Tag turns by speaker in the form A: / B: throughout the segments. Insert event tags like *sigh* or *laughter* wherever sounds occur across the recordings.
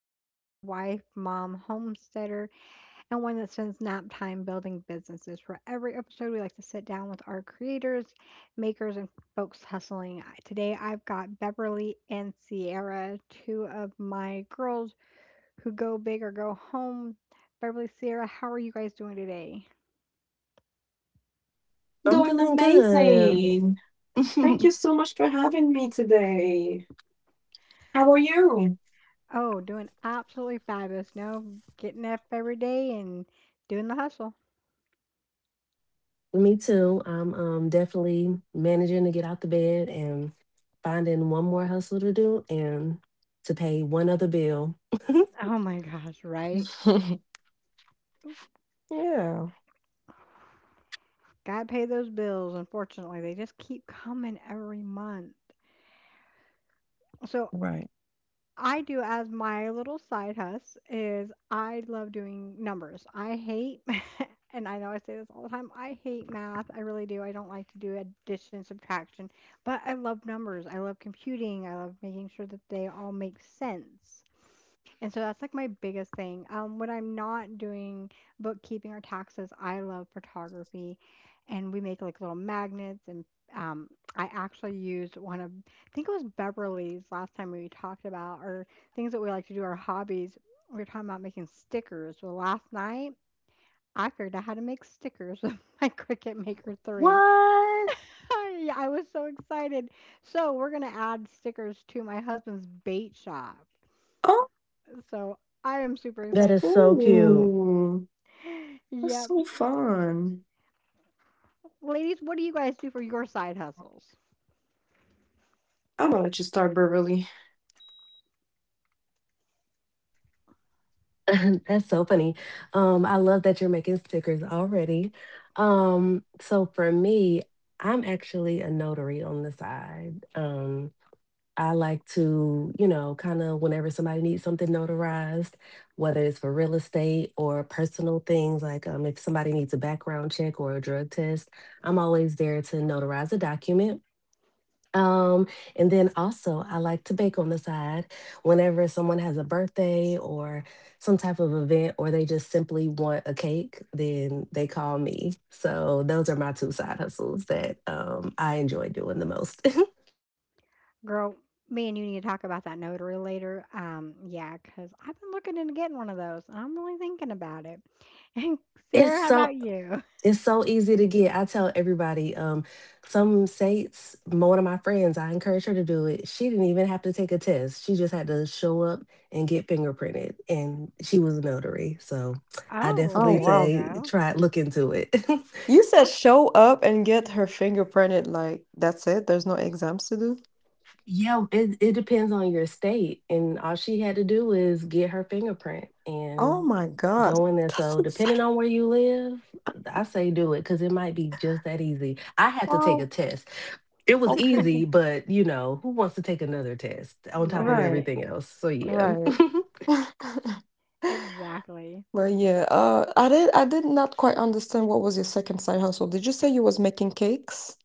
A: am Brandy, wife, mom, homesteader, and one that spends nap time building businesses. For every episode, we like to sit down with our creators, makers, and folks hustling. Today, I've got Beverly and Sierra, two of my girls who go big or go home. Beverly, Sierra, how are you guys doing today?
B: I'm
C: Doing
B: feeling good.
C: amazing. Thank you
B: *laughs*
C: so much for having me today. How are you?
A: Oh, doing absolutely fabulous. No, getting up every day and doing the hustle.
B: Me too. I'm definitely managing to get out the bed and finding one more hustle to do and to pay one other bill. *laughs*
A: Oh my gosh, right?
C: *laughs* Yeah,
A: Gotta pay those bills. Unfortunately, they just keep coming every month. So,
C: right.
A: I do as my little side hustle is I love doing numbers. I hate, *laughs* and I know I say this all the time, I hate math. I really do. I don't like to do addition, subtraction, but I love numbers. I love computing. I love making sure that they all make sense. And so that's like my biggest thing. When I'm not doing bookkeeping or taxes, I love photography, and we make like little magnets. And um, I actually used one of, think it was Beverly's, last time we talked about our things that we like to do, our hobbies. We were talking about making stickers. Well, last night I figured out how to make stickers with *laughs* my Cricut Maker 3.
B: What?
A: I was so excited. So, we're going to add stickers to my husband's bait shop.
C: Oh,
A: So, I am super
B: That
A: excited.
B: is so cute.
C: ooh,
A: *gasps*
C: that's
A: Yep.
C: so fun.
A: Ladies, what do you guys do for your side hustles?
C: I'm gonna let you start, Beverly.
B: *laughs* That's so funny. I love that you're making stickers already. So for me, I'm actually a notary on the side. I like to, you know, kind of whenever somebody needs something notarized, whether it's for real estate or personal things, like if somebody needs a background check or a drug test, I'm always there to notarize a document. Um, and then also, I like to bake on the side whenever someone has a birthday or some type of event, or they just simply want a cake, then they call me. So, those are my two side hustles that I enjoy doing the most. *laughs*
A: Girl, me and you need to talk about that notary later. Yeah, because I've been looking into getting one of those. I'm really thinking about it. And
B: It's
A: Sarah, how
B: so
A: about you?
B: It's so easy to get. I tell everybody, some states, one of my friends, I encourage her to do it. She didn't even have to take a test. She just had to show up and get fingerprinted. And she was a notary. So I
A: Oh, well,
C: Oh,
B: definitely
A: there you
C: wow.
B: say
A: go.
B: try look into it. *laughs*
C: You said
A: Abs-.
C: show up and get her fingerprinted. Like, that's it? There's no exams to do?
B: Yeah, it depends on your state. And all she had to do is get her fingerprint
C: Oh
B: and
C: my God.
B: go in
C: *laughs*
B: there.
C: That's
B: So,
C: insane.
B: depending on where you live, I say do it because it might be just that easy. I had to take a
C: Wow.
B: test. It was easy,
C: Okay.
B: but you know, who wants to take another test on top of
C: Right,
A: Right.
B: everything else? So, yeah.
C: right. *laughs*
A: Exactly.
C: Well, yeah. I did. I did not quite understand what was your second side hustle. Did you say you was making cakes?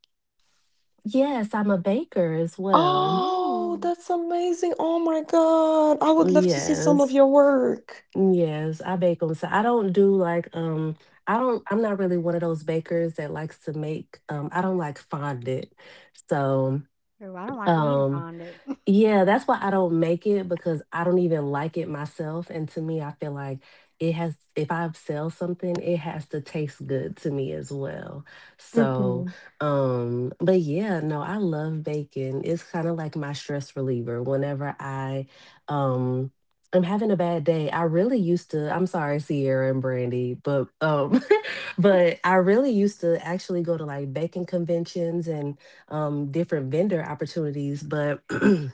B: *laughs* yes, I'm a baker as well.
C: Oh,
A: Ooh.
C: that's amazing! Oh my God, I would love to see some of
B: Yes.
C: your work.
B: Yes, I bake them. So I don't do like I don't, I'm not really one of those bakers that likes to make, I don't like fondant. So
A: Ooh, I don't like eating
B: um
A: fondue. *laughs*
B: yeah, that's why I don't make it because I don't even like it myself. And to me, I feel like it has, if I sell something, it has to taste good to me as well. So,
C: Mm-hmm.
B: but yeah, no, I love bacon. It's kind of like my stress reliever. Whenever um, I'm having a bad day. I really used to, I'm sorry, Sierra and Brandy, but, *laughs* but I really used to actually go to like bacon conventions and, different vendor opportunities, but *clears throat*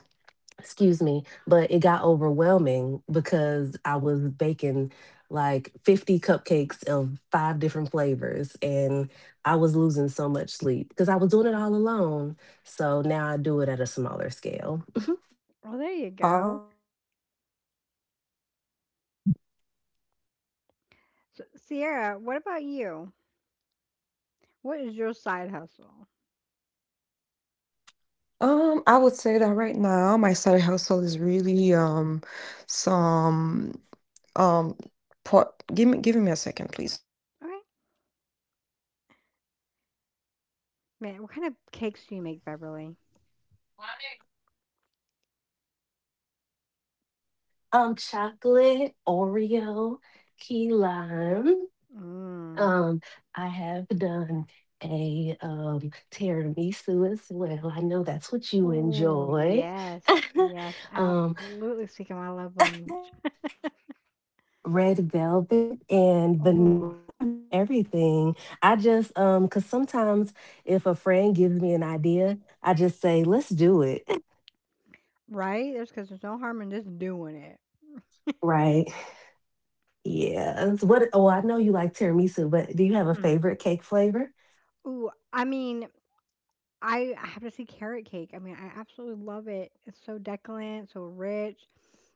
B: excuse me, but it got overwhelming because I was baking like 50 cupcakes of five different flavors and I was losing so much sleep because I was doing it all alone. So now I do it at a smaller scale. Mhm.
A: Well, there you
C: Uh,
A: go. So, Sierra, what about you? What is your side hustle?
C: I would say that right now my side hustle is really some um pot. Give me a second, please.
A: Okay. Man, what kind of cakes do you make, Beverly?
B: Chocolate, Oreo, key lime.
A: Mm.
B: Um, I have done a tiramisu as well. I know that's what you
A: Ooh,
B: enjoy.
A: yes. Yes,
B: *laughs* um,
A: absolutely speaking my love language.
B: Red velvet and
A: Oh,
B: vanilla. I've done everything. I just, cause sometimes if a friend gives me an idea, I just say, "Let's do it." *laughs*
A: right? There's, because there's no harm in just doing it.
B: Right. Yeah. So what? Oh, I know you like tiramisu, but do you have a
A: Mm.
B: favorite cake flavor?
A: Ooh, I mean, I have to see carrot cake. I mean, I absolutely love it. It's so decadent, so rich.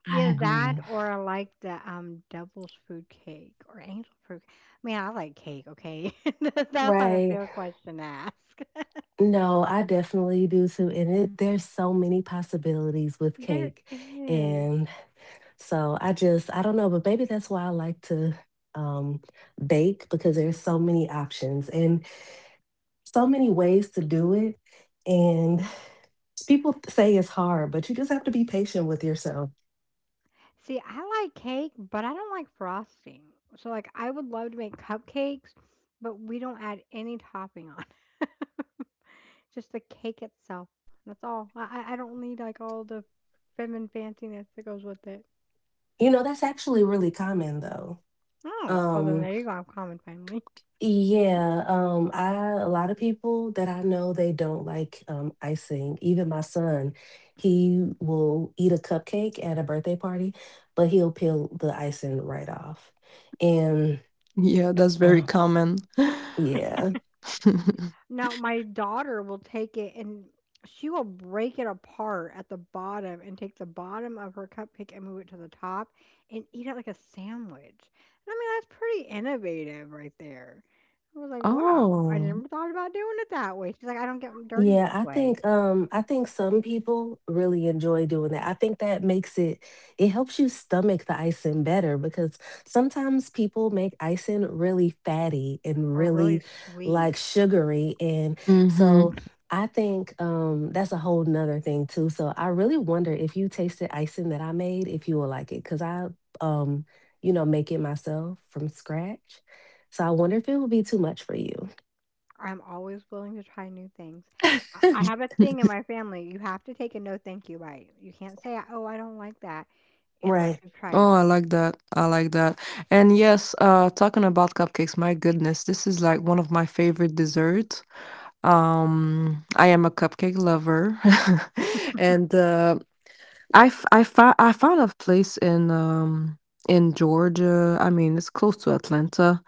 B: I
A: Either that
B: agree.
A: or I like the devil's food cake or angel food. Man, I like cake, okay? *laughs* That's not a
B: Right.
A: fair question to ask. *laughs*
B: No, I definitely do too. And there's so many possibilities with
A: There
B: cake.
A: is.
B: And so I just, I don't know, but maybe that's why I like to, um, bake because there's so many options and so many ways to do it. And people say it's hard, but you just have to be patient with yourself.
A: See, I like cake, but I don't like frosting. So like I would love to make cupcakes, but we don't add any topping on. *laughs* Just the cake itself. That's all. I don't need, like, all the femme and fanciness that goes with it.
B: You know, that's actually really common though.
A: Oh, well, then
B: um,
A: there you go. I'm common finally.
B: Yeah, I a lot of people that I know they don't like icing. Even my son, he will eat a cupcake at a birthday party, but he'll peel the icing right off. And
C: Yeah, that's very
B: uh,
C: common. *laughs*
B: yeah.
A: Now, my daughter will take it and she will break it apart at the bottom and take the bottom of her cupcake and move it to the top and eat it like a sandwich. And I mean, that's pretty innovative right there. I was like, wow, I
C: Oh.
A: never thought about doing it that way. She's like, I don't get 'em dirty
B: Yeah,
A: this
B: I
A: way,
B: think um I think some people really enjoy doing that. I think that makes it helps you stomach the icing better because sometimes people make icing really fatty and
A: or really
B: really
A: sweet.
B: like sugary, and
C: Mm-hmm.
B: so I think that's a whole nother thing too. So I really wonder if you tasted icing that I made if you will like it, cuz I, um make it myself from scratch. So I wonder if it will be too much for you.
A: I'm always willing to try new things. I have a thing in my
C: *laughs*
A: family. You have to take a no thank you bite. You can't say, oh, I don't like that unless
B: Right.
A: you've tried
C: Oh,
A: it.
C: I like that. I like that. And yes, talking about cupcakes, my goodness, this is like one of my favorite desserts. I am a cupcake lover. *laughs* And I found a place in Georgia, I mean, it's close to Atlanta,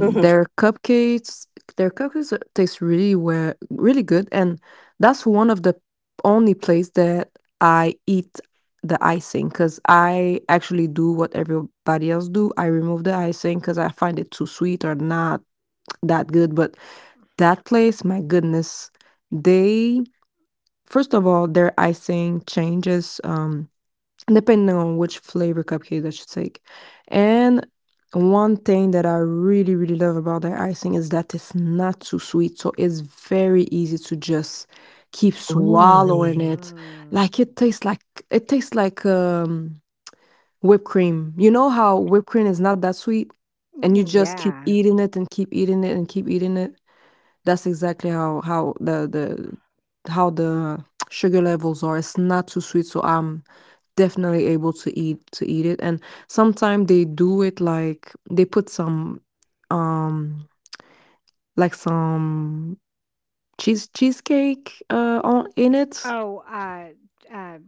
B: *laughs* hmm.
C: their cupcakes taste really well, really good, and that's one of the only place that I eat the icing because I actually do what everybody else do, I remove the icing because I find it too sweet or not that good, but that place, my goodness, they first of all, their icing changes, depending on which flavor cupcake that you take. And one thing that I really, really love about that icing is that it's not too sweet. So it's very easy to just keep
B: Really?
C: swallowing it.
A: Mm.
C: Like it tastes like whipped cream. You know how whipped cream is not that sweet? And you
A: Ooh,
C: just keep
A: yeah.
C: eating it and keep eating it and keep eating it. That's exactly how the sugar levels are. It's not too sweet. So I'm definitely able to eat it, and sometimes they do it like they put some, um, like some cheesecake on in it.
A: Oh, uh,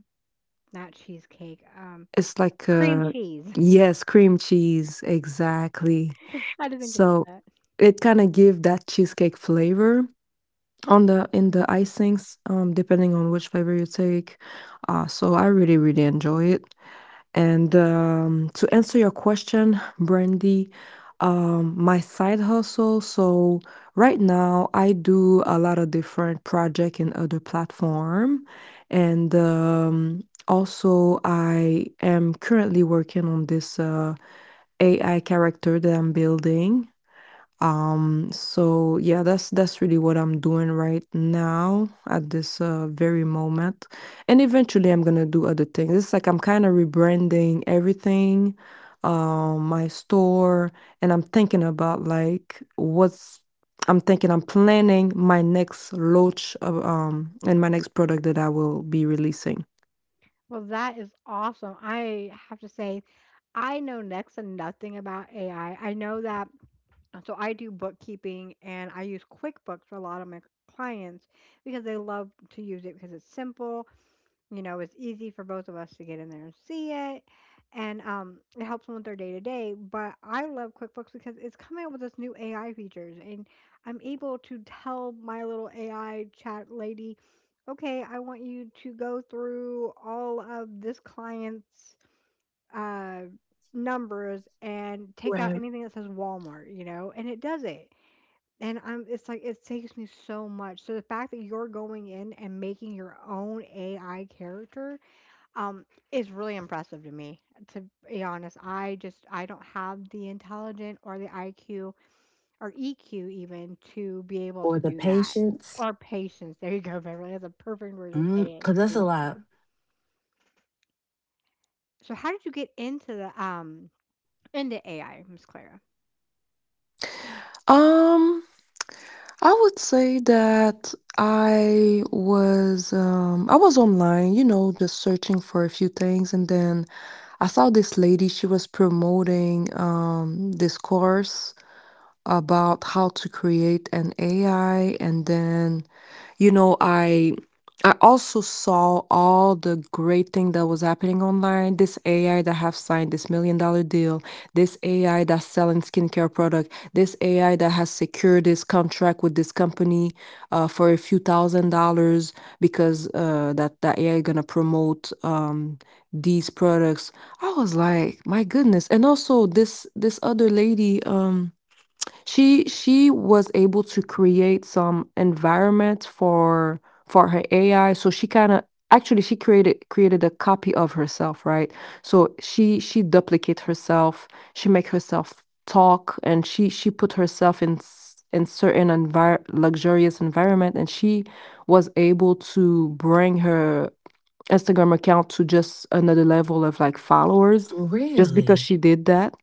A: not cheesecake.
C: It's like
A: Cream
C: a,
A: cheese.
C: yes, cream cheese, exactly.
A: *laughs* I had to think about
C: So
A: that.
C: it kind of give that cheesecake flavor on the in the icings, depending on which flavor you take. So I really, really enjoy it. And to answer your question, Brandy, my side hustle. So right now, I do a lot of different project in other platform, and also I am currently working on this AI character that I'm building. So yeah, that's really what I'm doing right now at this very moment. And eventually I'm gonna do other things. It's like I'm kind of rebranding everything, my store, and I'm thinking about like what's I'm thinking I'm planning my next launch of, and my next product that I will be releasing.
A: Well, that is awesome. I have to say, I know next to nothing about AI. I know that So I do bookkeeping and I use QuickBooks for a lot of my clients because they love to use it because it's simple, you know, it's easy for both of us to get in there and see it. And it helps them with their day to day. But I love QuickBooks because it's coming up with this new AI features. And I'm able to tell my little AI chat lady, okay, I want you to go through all of this client's uh, numbers and take out
B: Right.
A: anything that says Walmart, you know, and it does it. And I'm it's like it takes me so much. So the fact that you're going in and making your own AI character um is really impressive to me. To be honest, I just I don't have the intelligent or the IQ or EQ even to be able to
B: For the
A: do that.
B: patients.
A: Or patience. *laughs* There you go, Beverly. That's a perfect word to
B: Mm,
A: say it.
B: cause that's a
A: Patience.
B: lot.
A: So how did you get into the into AI, Miss Clara?
C: Um I would say that I was online, you know, just searching for a few things, and then I saw this lady. She was promoting this course about how to create an AI, and then you know I also saw all the great thing that was happening online. This AI that have signed this million dollar deal, this AI that's selling skincare product, this AI that has secured this contract with this company for a few thousand dollars because that AI gonna promote these products. I was like, my goodness! And also this other lady. She was able to create some environment for her AI, so she kinda actually, she created a copy of herself, right? So she duplicate herself, she make herself talk, and she put herself in s in certain envir luxurious environment, and she was able to bring her Instagram account to just another level of, like, followers just because
B: Really?
C: she did that,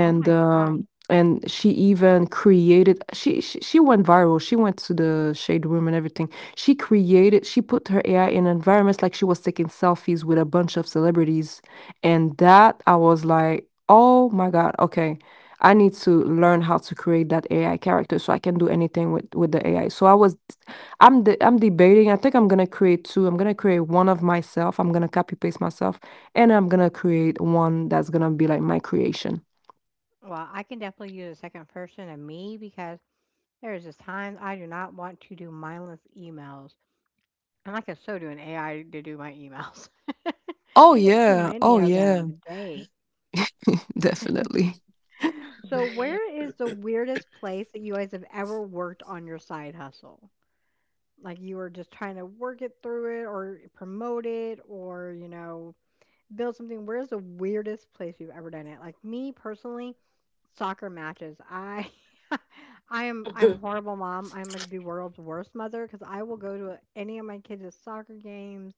A: Oh my gosh.
C: um and she even created she went viral, she went to the shade room and everything. She put her AI in environments like she was taking selfies with a bunch of celebrities, and that I was like, "Oh my god, okay, I need to learn how to create that AI character so I can do anything with the AI." So I'm debating. I think I'm gonna create two. I'm gonna create one of myself. I'm gonna copy paste myself, and I'm gonna create one that's gonna be like my creation.
A: Well, I can definitely use a second person of me, because there's just times I do not want to do mindless emails, and I can so do an AI to do my emails. *laughs*
C: Oh
A: I get too
C: yeah.
A: many
C: Oh
A: of
C: yeah.
A: them a day.
C: *laughs* Definitely.
A: So,
C: *laughs*
B: Right.
A: where is the weirdest place that you guys have ever worked on your side hustle? Like, you were just trying to work it through it or promote it or, you know, build something. Where's the weirdest place you've ever done it? Like me personally, soccer matches. I *laughs* I'm horrible mom. I'm like the world's worst mother because I will go to any of my kids' soccer games,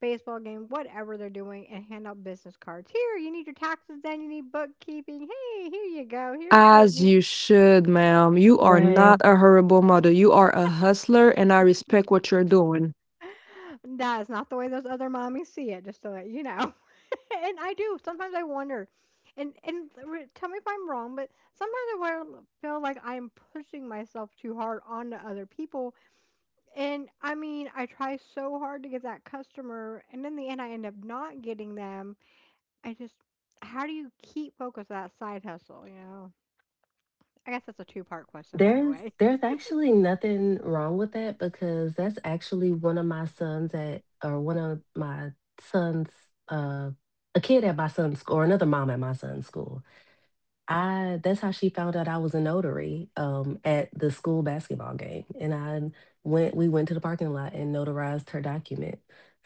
A: baseball game, whatever they're doing, and hand out business cards. Here, you need your taxes done. You need bookkeeping. Hey, here you go. Here's
C: As
A: the.
C: you
A: *gasps*
C: should, ma'am. You are
B: Right.
C: not a horrible mother. You are a hustler, and I respect what you're doing.
A: That is not the way those other mommies see it. Just so that you know. And I do. Sometimes I wonder, and tell me if I'm wrong, but sometimes feel like I am pushing myself too hard onto other people. And I mean, I try so hard to get that customer, and in the end, I end up not getting them. I just, how do you keep focus on that side hustle? You know, I guess that's a two-part question, by the
B: There's
A: way.
B: there's actually nothing wrong with that, because that's actually one of my son's, uh a kid at my son's school, or another mom at my son's school. I That's how she found out I was a notary, at the school basketball game. And I went we went to the parking lot and notarized her document.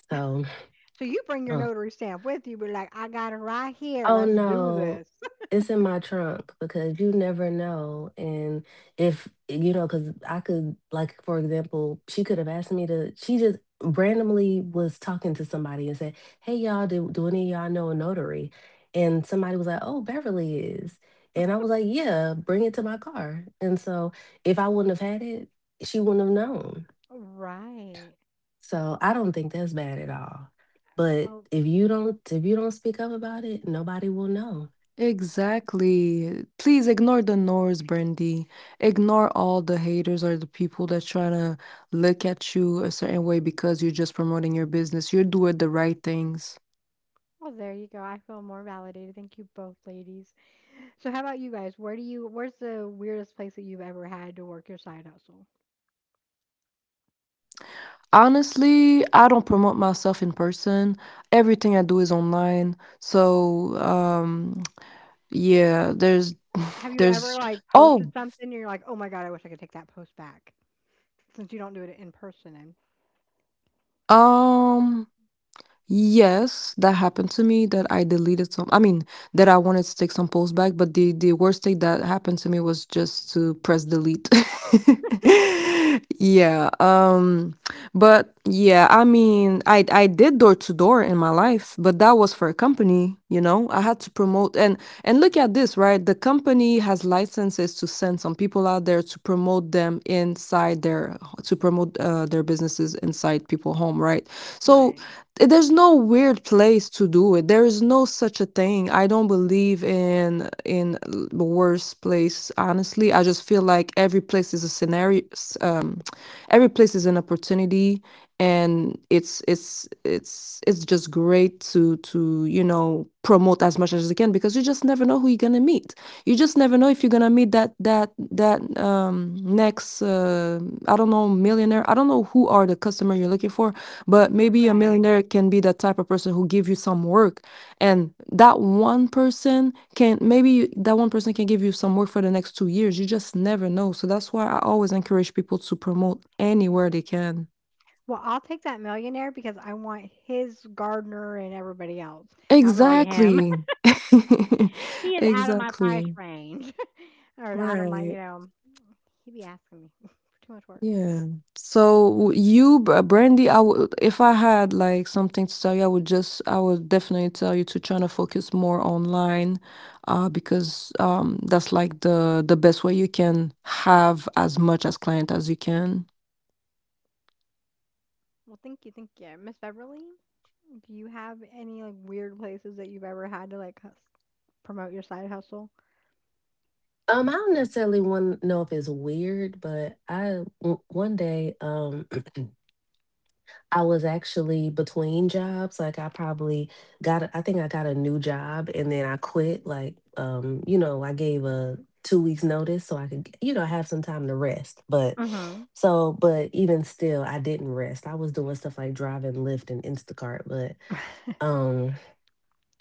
B: So
A: So you bring your notary stamp with you, be like, I got it right here.
B: oh
A: Let's do
B: no,
A: this. *laughs*
B: it's in my trunk because you never know. And if you know, because I could, like, for example, she could have asked me to, she just randomly was talking to somebody and said, "Hey, y'all, do any of y'all know a notary?" And somebody was like, "Oh, Beverly is." And I was like, "Yeah, bring it to my car." And so if I wouldn't have had it, she wouldn't have known.
A: Right.
B: So I don't think that's bad at all. But
A: Well,
B: if you don't speak up about it, nobody will know.
C: Exactly. Please ignore the noise, Brandy. Ignore all the haters or the people that trying to look at you a certain way because you're just promoting your business. You're doing the right things.
A: well, there you go. I feel more validated. Thank you both, ladies. So how about you guys? Where do you where's the weirdest place that you've ever had to work your side hustle?
C: Honestly, I don't promote myself in person. Everything I do is online. So, yeah, *laughs*
A: Have
C: *sighs*
A: you ever
C: there's,
A: like
C: oh,
A: posted something and you're like, "Oh my god, I wish I could take that post back." Since you don't do it in person and
C: um, Yes, that happened to me that I deleted some, I mean, that I wanted to take some posts back, but the worst thing that happened to me was just to press delete. *laughs* Yeah, um, but yeah, I mean, I did door to door in my life, but that was for a company, you know. I had to promote and look at this, right? The company has licenses to send some people out there to promote them inside their to promote their businesses inside people home, right? So
A: right.
C: there's no weird place to do it. There is no such a thing. I don't believe in the worst place, honestly. I just feel like every place is a scenario, every place is an opportunity, and it's just great collaborate to promote as much as you can because you just never know who you're gonna meet. You just never know if you're gonna meet that next I don't know millionaire, I don't know who are the customer you're looking for, but
A: Right.
C: maybe a
A: Right.
C: millionaire can be that type of person who give you some work, and that one person can maybe that one person can give you some work for the next 2 years. You just never know, so that's why I always encourage people to promote anywhere they can.
A: Well, I'll take that millionaire because I want his gardener and everybody else. Not really him.
C: Exactly.
A: *laughs* he
C: *laughs*
A: is out of my price
C: Exactly.
A: range. *laughs* or out of my, you
C: Right.
A: know, he'd be asking me *laughs* for too much work.
C: Yeah. So you, Brandy, I would, if I had like something to tell you, I would just, I would definitely tell you to try to focus more online, because that's like the best way you can have as much as client as you can.
A: Well, thank you. Miss Beverly, do you have any like weird places that you've ever had to promote your side hustle?
B: I don't necessarily want to know if it's weird, but I one day *clears throat* I was actually between jobs. Like I probably I think I got a new job and then I quit. I gave a 2 weeks notice so I could have some time to rest. But
A: Mhm.
B: even still, I didn't rest. I was doing stuff like driving Lyft and Instacart, but um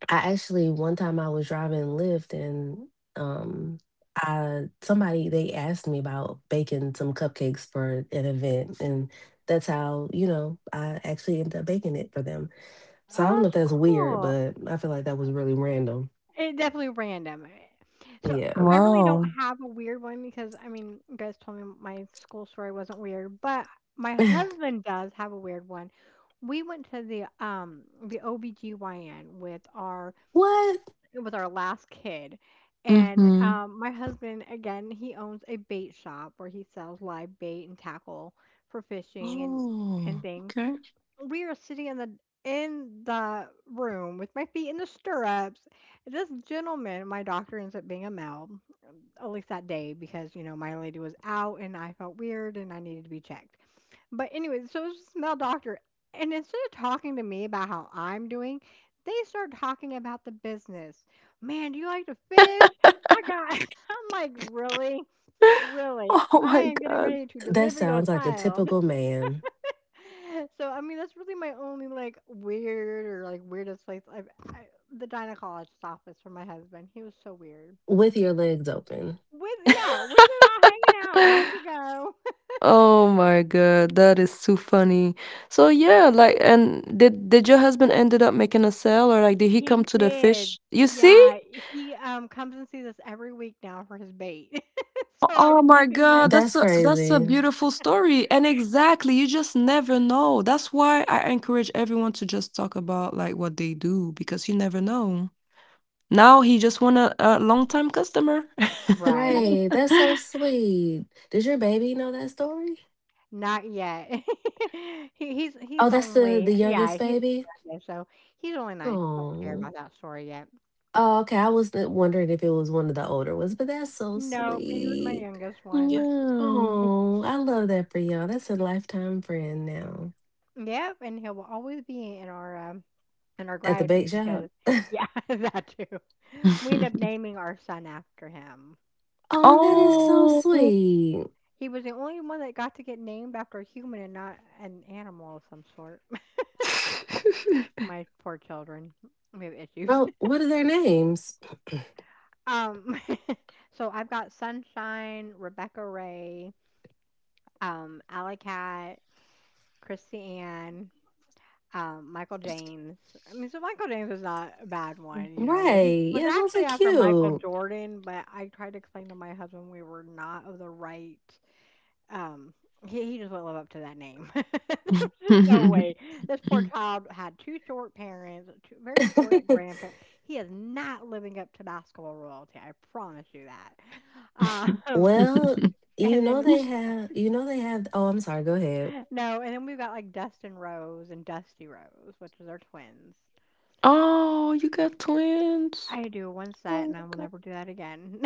B: I actually one time I was driving Lyft and um I somebody they asked me about baking some cupcakes for an event, and that's how, I actually ended up baking it for them.
A: Oh,
B: So I don't know if
A: that's
B: that's weird,
A: cool.
B: but I feel like that was really random.
A: It definitely random. Eh. So
B: Yeah.
A: I really don't
C: Wow.
A: have a weird one, because I mean, you guys told me my school story wasn't weird, but my
B: *laughs*
A: husband does have a weird one. We went to the OBGYN with our
B: what?
A: last kid. And
C: Mm-hmm.
A: my husband, again, he owns a bait shop where he sells live bait and tackle for fishing and
C: Oh,
A: things.
C: okay.
A: We are sitting in the in the room with my feet in the stirrups. This gentleman, my doctor, ends up being a male, at least that day, because you know my lady was out and I felt weird and I needed to be checked. But anyway, so it was this male doctor, and instead of talking to me about how I'm doing, they start talking about the business. Man, do you like to fish? I got. *laughs* I'm like,
C: *laughs*
A: really.
C: Oh
A: I
C: my
A: am getting
C: God.
A: ready to
B: That
A: deliver your
B: sounds like a
A: child.
B: typical man
A: *laughs* So I mean, that's really my only like weird or like weirdest place. I, the gynecologist's office for my husband. He was so weird.
B: with your legs open.
A: With, yeah, with it all hanging out, ready to go. *laughs*
C: Oh my God, that is too funny. So yeah, like, and did your husband ended up making a sale, or like did he
A: He
C: come to the
A: did.
C: fish? You see?
A: Yeah, he comes and sees us every week now for his bait. *laughs* So I
C: Oh
A: get to
C: my
A: see my
C: God, that's
B: That's
C: a
B: crazy.
C: beautiful story. And exactly, you just never know. That's why I encourage everyone to just talk about like what they do because you never know. Now he just won a, long time customer. *laughs*
A: right.
B: Right. That's so sweet. Does your baby know that story?
A: Not yet. *laughs* he, he's
B: Oh,
A: he's
B: that's the
A: only
B: the
A: yeah
B: youngest
A: he's
B: baby?
A: youngest, so he's only 9. He don't care
B: Oh.
A: about that story yet.
B: Oh, okay. I was wondering if it was one of the older ones, but that's so
A: Nope, he was my
B: sweet.
A: youngest one.
C: Yeah.
B: Oh, I love that for y'all. That's a lifetime friend now
A: Yep, and he will always be in our
B: at the bake
A: gratitude
B: shop.
A: because
B: *laughs*
A: yeah, *laughs* that too. We end up
C: *laughs*
A: naming our son after him.
B: Oh, that is
A: So
B: so
C: Oh.
B: sweet.
A: he was the only one that got to get named after a human and not an animal of some sort. *laughs* My poor children. We have issues.
B: Oh, what are their names? *clears throat*
A: *laughs* um *laughs* so I've got Sunshine, Rebecca Ray, Alley Cat, Chrissy Ann, Michael James. I mean, so Michael James was not a bad one, you know. He
B: Right.
A: was
B: Yeah, those are
A: actually after Michael
B: cute.
A: Jordan, but I tried to explain to my husband we were not of the right. Um, he just won't live up to that name. *laughs* There was just no way. This poor child had two short parents, two very short
B: *laughs*
A: grandparents. He is not living up to basketball royalty. I promise you that.
B: Well,
A: *laughs* And then
C: *laughs* *laughs*
B: you know they have, oh, I'm sorry, go ahead.
A: no, and then we've got like Dustin Rose and Dusty Rose, which is our twins.
C: Oh, you got twins?
A: I do one set,
C: Oh
A: and
C: my
A: I will
C: god.
A: never do that again.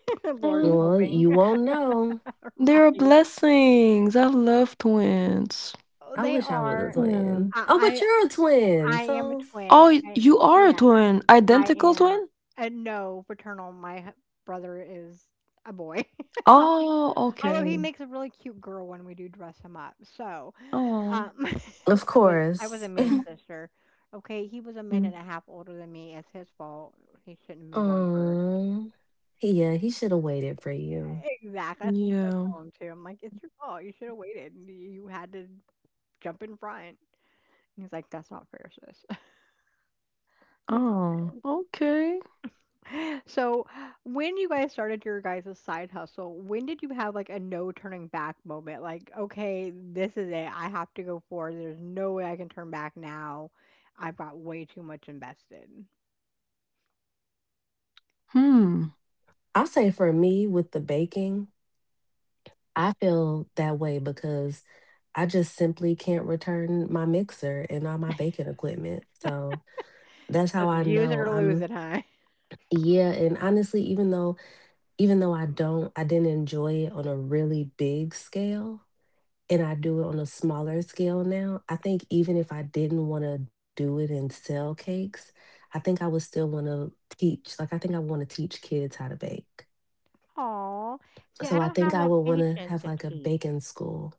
A: *laughs* Lord
B: Well, you
A: helping.
B: won't know.
A: *laughs*
C: They're a
A: Right.
C: blessings. I love twins.
A: Oh,
B: I
A: they
B: wish I was a
A: are.
B: twin.
C: Yeah.
B: Oh, but
A: I,
B: you're a twin.
A: I am a
B: So,
C: Oh,
A: twin.
C: y
A: I
C: you are a
A: yeah,
C: twin.
A: I
C: Identical
A: am.
C: twin?
A: No, paternal. Brother is a boy. *laughs*
C: Oh,
A: Although he
C: okay.
A: makes a really cute girl when we do dress him up. So,
C: Oh.
A: um,
B: of
A: *laughs* I was a
B: course.
A: mean sister. Okay, he was a
C: Mhm.
A: minute and a half older than me. It's his fault. He shouldn't have been born first.
B: Um, yeah, he should have waited for you.
A: Exactly. That's what I
C: Yeah.
A: tell him too. I'm like, it's your fault. You should have waited. You had to jump in front. And he's like, that's not fair, sis. *laughs* I'm like,
C: Oh, okay.
A: so when you guys started your guys' side hustle, when did you have like a no turning back moment? Like, okay, this is it. I have to go forward. There's no way I can turn back now. I've got way too much invested.
C: Hmm.
B: I'll say for me with the baking, I feel that way because I just simply can't return my mixer and all my baking equipment. So that's
A: So
B: how
A: it's
B: I
A: use it
B: know
A: or lose
B: I'm
A: it, huh?
B: yeah, and honestly, even though I didn't enjoy it on a really big scale, and I do it on a smaller scale now, I think even if I didn't want to do it and sell cakes, I think I would still want to teach. Like, I think I want to teach kids how to bake.
A: *laughs* Aw. See, I
B: So I
A: don't
B: think
A: have
B: I
A: that
B: would want to
A: patience
B: have
A: to
B: like a
A: teach.
B: baking school.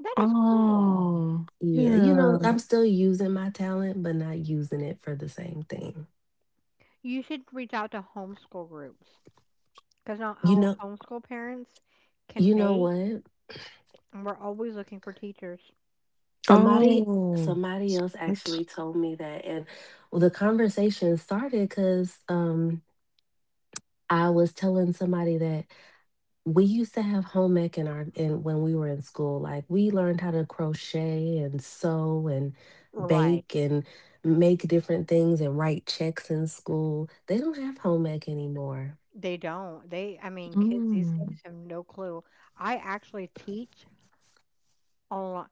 A: That is cool.
C: Oh,
B: Yeah, you know,
C: yeah.
B: I'm still using my talent, but not using it for the same thing.
A: You should reach out to homeschool groups, because not
B: You
A: all
B: know,
A: homeschool parents can
B: you know
A: bake,
B: what?
A: and we're always looking for teachers.
B: Somebody
C: Oh,
B: somebody else
C: that's
B: actually told me that, and the conversation started cuz I was telling somebody that we used to have home ec in our in when we were in school. Like, we learned how to crochet and sew and
A: Right.
B: bake and make different things and write checks in school. They don't have home ec anymore.
A: They don't. I mean, kids these
C: mm.
A: days have no clue. I actually teach online.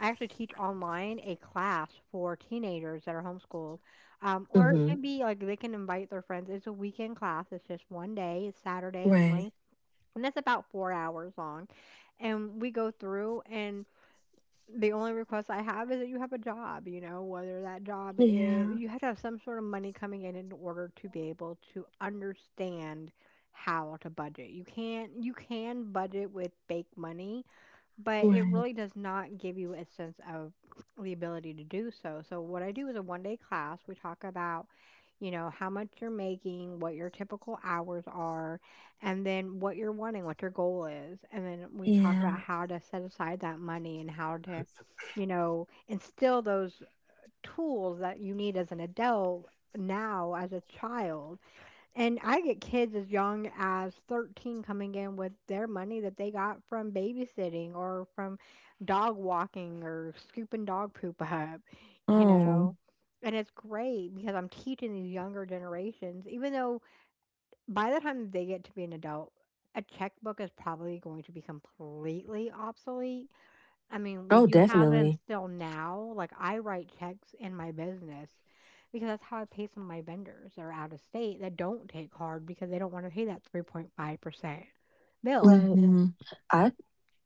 A: I actually teach online a class for teenagers that are homeschooled. Or it
B: Hmm.
A: can be like they can invite their friends. It's a weekend class. It's just 1 day. It's Saturday only.
B: Right.
A: And it's about 4 hours long. And we go through and the only request I have is that you have a job, you know, whether that job is,
B: Yeah.
A: you have to have some sort of money coming in order to be able to understand how to budget. You can't, you can budget with fake money, but it
B: Right.
A: really does not give you a sense of the ability to do so. So, what I do is a 1 day class. We talk about, you know, how much you're making, what your typical hours are, and then what you're wanting, what your goal is. And then we talk about
B: Yeah.
A: how to set aside that money and how to, you know, instill those tools that you need as an adult now as a child. And I get kids as young as 13 coming in with their money that they got from babysitting or from dog walking or scooping dog poop up, you
C: Oh.
A: know. And it's great because I'm teaching these younger generations, even though by the time they get to be an adult, a checkbook is probably going to be completely obsolete. I mean, we
B: Oh,
A: do have them
B: definitely.
A: still now. Like I write checks in my business because that's how I pay some of my vendors that are out of state that don't take card because they don't want to pay that 3.5% bill.
B: Right.
C: Mhm.
B: i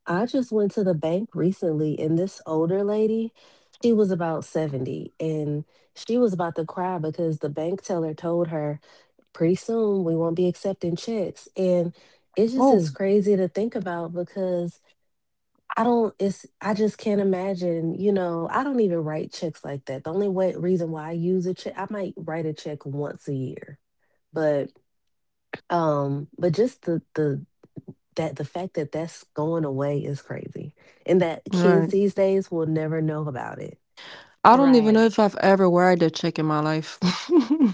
B: i just went to the bank recently, and this older lady, she was about 70, and she was about to cry because the bank teller told her pretty soon we won't be accepting checks, and it just is
C: Oh,
B: crazy to think about, because I don't it's I just can't imagine. I don't even write checks like that. The only way reason why I use a check, I might write a check once a year. But just the fact that that's going away is crazy, and that kids
C: right.
B: these days will never know about it.
C: I don't even know
A: Right.
C: if I've ever worried a check in my life. *laughs*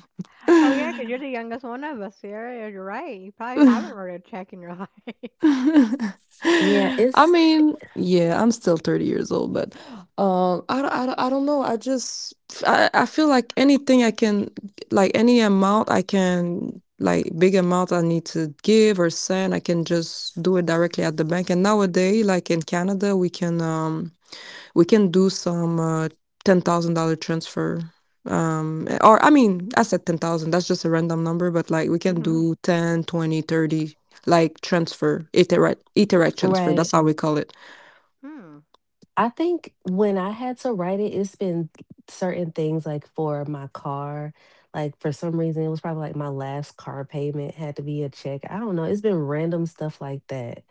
A: Oh yeah, because you're the youngest one of us here. You're right. You probably haven't wrote a check in your life.
B: Yeah.
C: I
B: It's
C: mean, yeah, I'm still 30 years old, but I don't know. I just, I feel like anything I can, like any amount I can, like big amount I need to give or send, I can just do it directly at the bank. And nowadays, like in Canada, we can do some $10,000 transfer. Or I mean, I said 10,000, that's just a random number, but like we
A: *laughs*
C: can
A: Hmm.
C: do 10, 20, 30, like transfer, iterate transfer. That's
B: right.
C: how we call it.
A: Hmm.
B: I think when I had to write it, it's been certain things like for my car. Like for some reason, it was probably like my last car payment had to be a check. I don't know. It's been random stuff like that.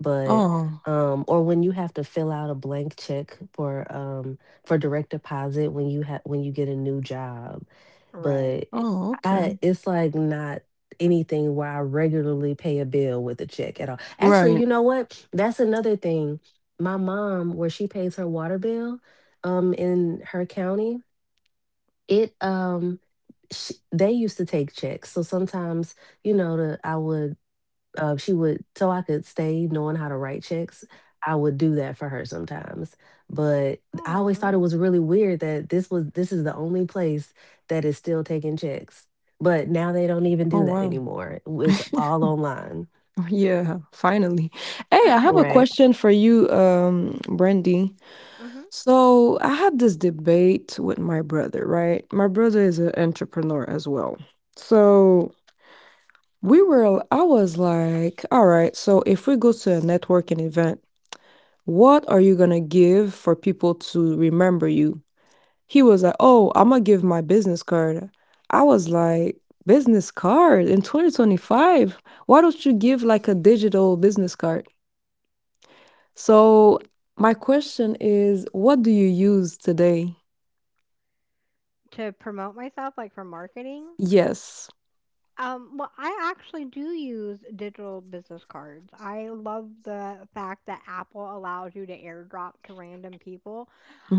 B: But,
C: Oh,
B: or when you have to fill out a blank check for direct deposit when you have when you get a new job.
A: Right.
B: But
C: oh, okay.
B: I it's like not anything where I regularly pay a bill with a check at all. Actually,
C: Right.
B: you know what? That's another thing. My mom, where she pays her water bill, in her county, it sh they used to take checks. So sometimes, you know, the I would she would so I could stay knowing how to write checks, I would do that for her sometimes. But I always thought it
A: Oh.
B: was really weird that this is the only place that is still taking checks. But now they don't even
C: Oh,
B: do that
C: wow.
B: anymore. It's all online.
C: *laughs* Yeah, finally. Hey, I have a
B: Right.
C: question for you, Brandy.
A: Hmm.
C: So I had this debate with my brother, right? My brother is an entrepreneur as well. So I was like, all right, so if we go to a networking event, what are you gonna give for people to remember you? He was like, oh, I'm gonna give my business card. I was like, business card in 2025? Why don't you give like a digital business card? So, my question is, what do you use today?
A: To promote myself, like for marketing.
C: Yes.
A: Well, I actually do use digital business cards. I love the fact that Apple allows you to airdrop to random people.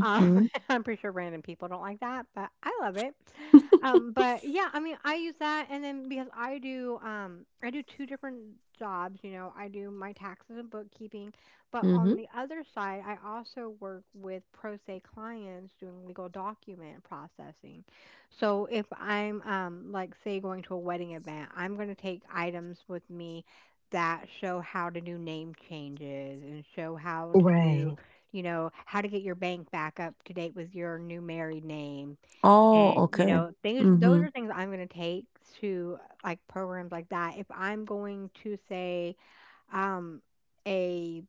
A: Um, *laughs* I'm pretty sure random people don't like that, but I love it. But yeah, I mean, I use that, and then because I do two different jobs. You know, I do my taxes and bookkeeping, but
C: Mm-hmm.
A: on the other side, I also work with pro se clients doing legal document processing. So if I'm like say going to a wedding event, I'm going to take items with me that show how to do name changes and show how to do,
B: Right.
A: you know, how to get your bank back up to date with your new married name.
C: Oh,
A: And, you
C: okay.
A: know, things those
C: Mm-hmm.
A: are things I'm going to take to like programs like that. If I'm going to say um a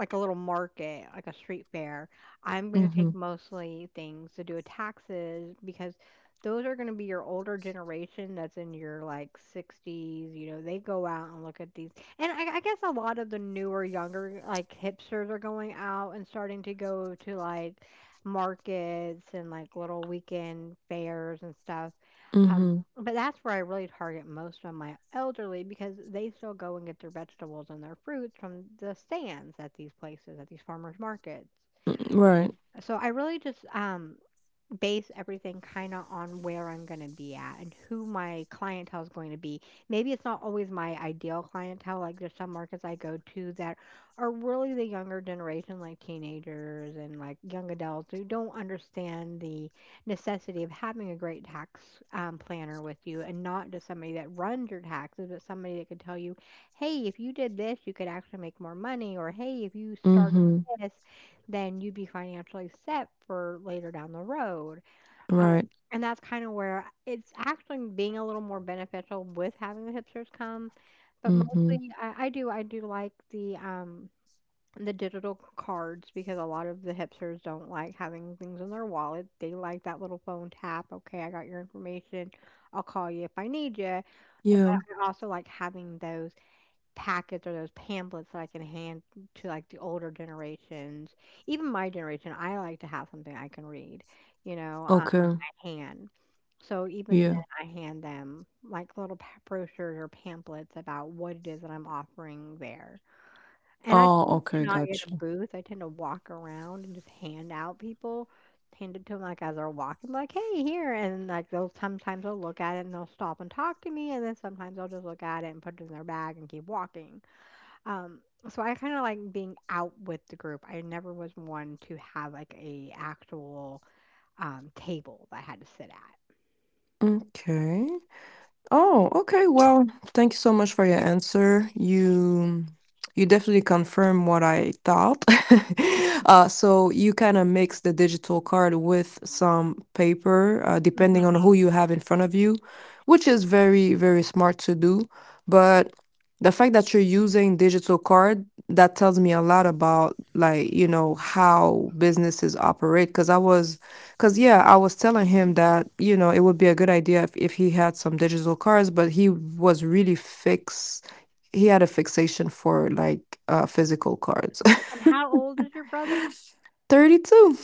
A: like a little market, like a street fair, I'm going to
C: Mm-hmm.
A: take mostly things to do with taxes because those are going to be your older generation that's in your like 60s. You know, they go out and look at these. And I guess a lot of the newer, younger, like hipsters are going out and starting to go to like markets and like little weekend fairs and stuff.
C: Mm-hmm.
A: But that's where I really target most of my elderly because they still go and get their vegetables and their fruits from the stands at these places, at these farmers markets.
C: Mm, right.
A: So I really just base everything kind of on where I'm going to be at and who my clientele is going to be. Maybe it's not always my ideal clientele. Like there's some markets I go to that are really the younger generation, like teenagers and like young adults who don't understand the necessity of having a great tax planner with you and not just somebody that runs your taxes, but somebody that could tell you, hey, if you did this, you could actually make more money, or hey, if you started
C: Mm-hmm.
A: this, then you'd be financially set for later down the road. Um,
C: Right.
A: and that's kinda where it's actually being a little more beneficial with having the hipsters come, but
C: Mm-hmm.
A: mostly I do like the digital cards because a lot of the hipsters don't like having things in their wallet. They like that little phone tap, "Okay, I got your information. I'll call you if I need you." Eh,
C: Yeah.
A: but I also like having those packets or those pamphlets that I can hand to, like, the older generations. Even my generation, I like to have something I can read, you know?
C: Okay.
A: Can. So even then,
C: Yeah.
A: I hand them like little brochures or pamphlets about what it is that I'm offering there. And I
C: Oh,
A: tend to
C: okay.
A: not get a
C: Gotcha.
A: booth. I tend to walk around and just hand out people, hand it to them like as they're walking, like, hey, here. And like they'll sometimes they'll look at it and they'll stop and talk to me. And then sometimes they'll just look at it and put it in their bag and keep walking. Um, so I kind of like being out with the group. I never was one to have like a actual table that I had to sit at.
C: Okay. Oh, okay. Well, thank you so much for your answer. You definitely confirm what I thought. *laughs* So you kind of mix the digital card with some paper, depending on
A: Mhm.
C: who you have in front of you, which is very, very smart to do. But the fact that you're using digital card, that tells me a lot about like, you know, how businesses operate. Because yeah, I was telling him that, you know, it would be a good idea if he had some digital cards, but he was really fix. He had a fixation for like physical cards. *laughs*
A: And how old is your brother?
C: 32.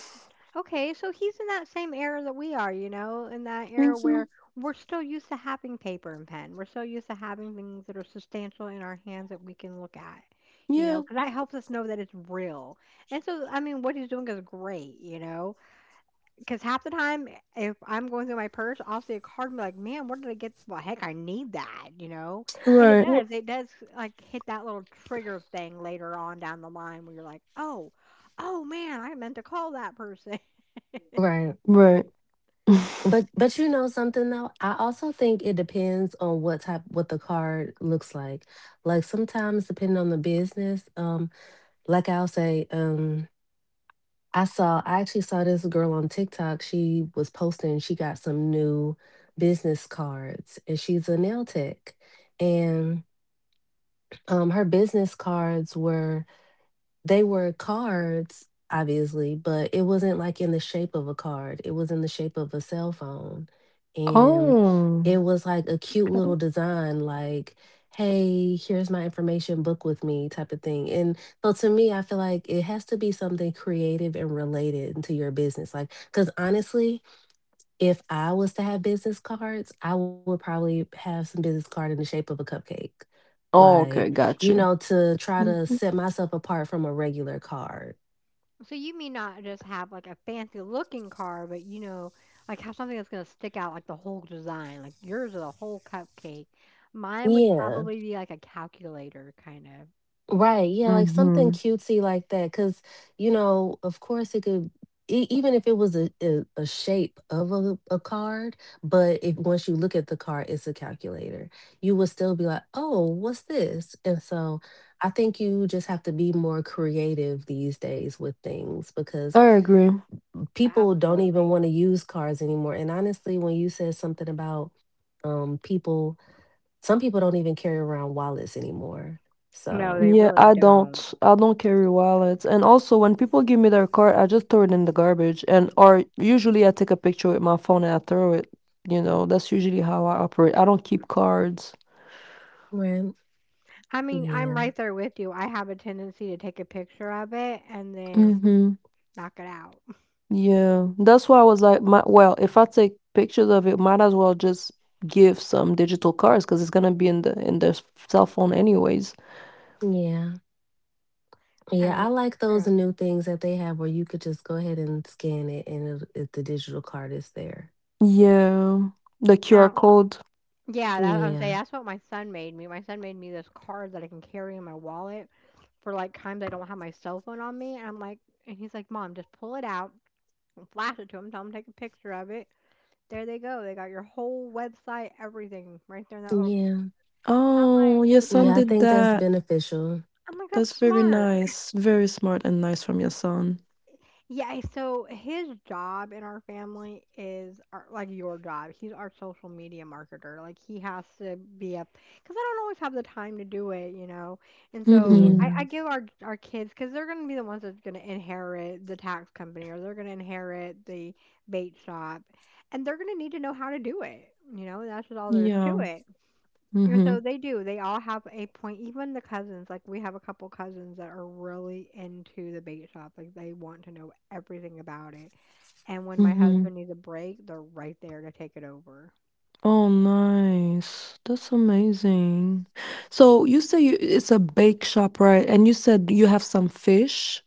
A: Okay, so he's in that same era that we are, you know, in that era
C: Mhm.
A: where we're still used to having paper and pen. We're still used to having things that are substantial in our hands that we can look at, you know,
C: Yeah.
A: because that helps us know that it's real. And so, I mean, what he's doing is great, you know, 'cause half the time, eh, if I'm going through my purse, I'll see a card and be like, "Man, where did I get well, heck, I need that," you know? And it
C: Right.
B: Wh-
A: Mm. does, it does, like, hit that little trigger thing later on down the line where you're like, "Oh, oh, man, I meant to call that person." *laughs*
B: Right.
C: Right. *laughs*
B: But you know something though, I also think it depends on what type what the card looks like. Like sometimes depending on the business, like I'll say. I actually saw this girl on TikTok. She was posting, she got some new business cards, and she's a nail tech. And her business cards were cards, obviously, but it wasn't like in the shape of a card. It was in the shape of a cell phone. And
C: Oh.
B: it was like a cute little design, like, hey, here's my information, book with me type of thing. And so to me, I feel like it has to be something creative and related to your business. Like, because honestly, if I was to have business cards, I would probably have some business card in the shape of a cupcake
C: Oh,
B: like,
C: okay. Gotcha.
B: to try to set myself apart from a regular card.
A: So you may not just have, like, a fancy looking card, but, you know, like, have something that's gonna stick out, like, the whole design, like, yours is a whole cupcake. Mine would
B: Yeah,
A: probably be, like, a calculator kind of.
B: right. Yeah, like something
C: Mm-hmm.
B: cutesy like that. Cause, of course even if it was a, shape of a card, but if once you look at the card, it's a calculator, you will still be like, oh, what's this? And so I think you just have to be more creative these days with things because
C: I agree.
B: people don't even
A: Absolutely.
B: want to use cars anymore. And honestly, when you said something about um people, some people don't even carry around wallets anymore.
A: No,
B: So
A: they
C: Yeah,
A: really
C: I
A: don't.
C: don't. I don't carry wallets, and also when people give me their card, I just throw it in the garbage and or usually I take a picture with my phone and I throw it. That's usually how I operate. I don't keep cards.
B: right.
A: I mean, I'm
B: Yeah.
A: right there with you. I have a tendency to take a picture of it and then
C: Mhm.
A: knock it out.
C: Yeah. That's why I was like, my well, if I take pictures of it, might as well just give some digital cards because it's gonna be in the in their s- cell phone anyways.
B: Yeah.
A: *laughs* I
B: Yeah.
A: mean,
B: I like those
A: true.
B: new things that they have where you could just go ahead and scan it and the digital card is there.
C: Yeah. The QR
A: Now,
C: code.
A: yeah, that, I was say
B: Yeah.
A: that's what my son made me. My son made me this card that I can carry in my wallet for like times I don't have my cell phone on me. And I'm like, and he's like, Mom, just pull it out and flash it to him. Tell him to take a picture of it. There they go. They got your whole website, everything right there in that little.
B: Yeah.
A: I'm
C: Oh,
A: like,
C: your son
B: Yeah. I
A: that's.
C: did
B: think that's
C: that.
B: beneficial.
A: I'm like, that's
C: That's very
A: smart.
C: nice, very smart and nice from your son.
A: Yeah, so his job in our family is our, like your job. He's our social media marketer. Like he has to be up because I don't always have the time to do it, you know. And so
C: Mhm.
B: Yeah.
A: I give our kids because they're gonna be the ones that's gonna inherit the tax company or they're gonna inherit the bait shop, and they're gonna need to know how to do it. You know, and that's just all there is to
C: Yeah.
A: it. And so
C: Mhm.
A: they do. They all have a point. Even the cousins, like we have a couple cousins that are really into the bait shop. Like they want to know everything about it. And when my
C: Mhm.
A: husband needs a break, they're right there to take it over.
C: Oh, nice. That's amazing. So you say you it's a bake shop, right? And you said you have some fish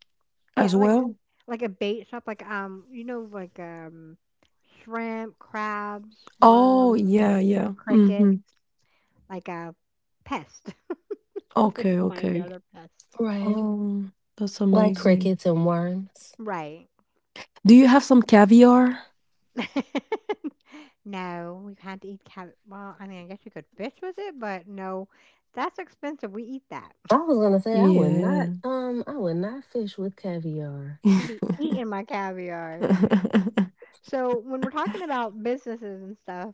A: Yeah,
C: as well?
A: like a bait shop, like shrimp, crabs,
C: Oh,
A: worms,
C: yeah, yeah.
A: crickets,
C: Mhm.
A: like a pest. *laughs* They
C: Okay,
A: remind me
C: okay.
A: of their pest.
B: Right.
C: Oh, that's
B: Like
C: amazing.
B: crickets and worms.
A: Right.
C: Do you have some caviar?
A: *laughs* No, we can't eat cat. Well, I mean, I guess you could fish with it, but no, that's expensive. We eat that. *laughs*
B: I was gonna say I would not
C: Yeah.
B: um I would not fish with caviar.
A: I'll be eating
C: *laughs*
A: my caviar.
C: *laughs*
A: So when we're talking about businesses and stuff,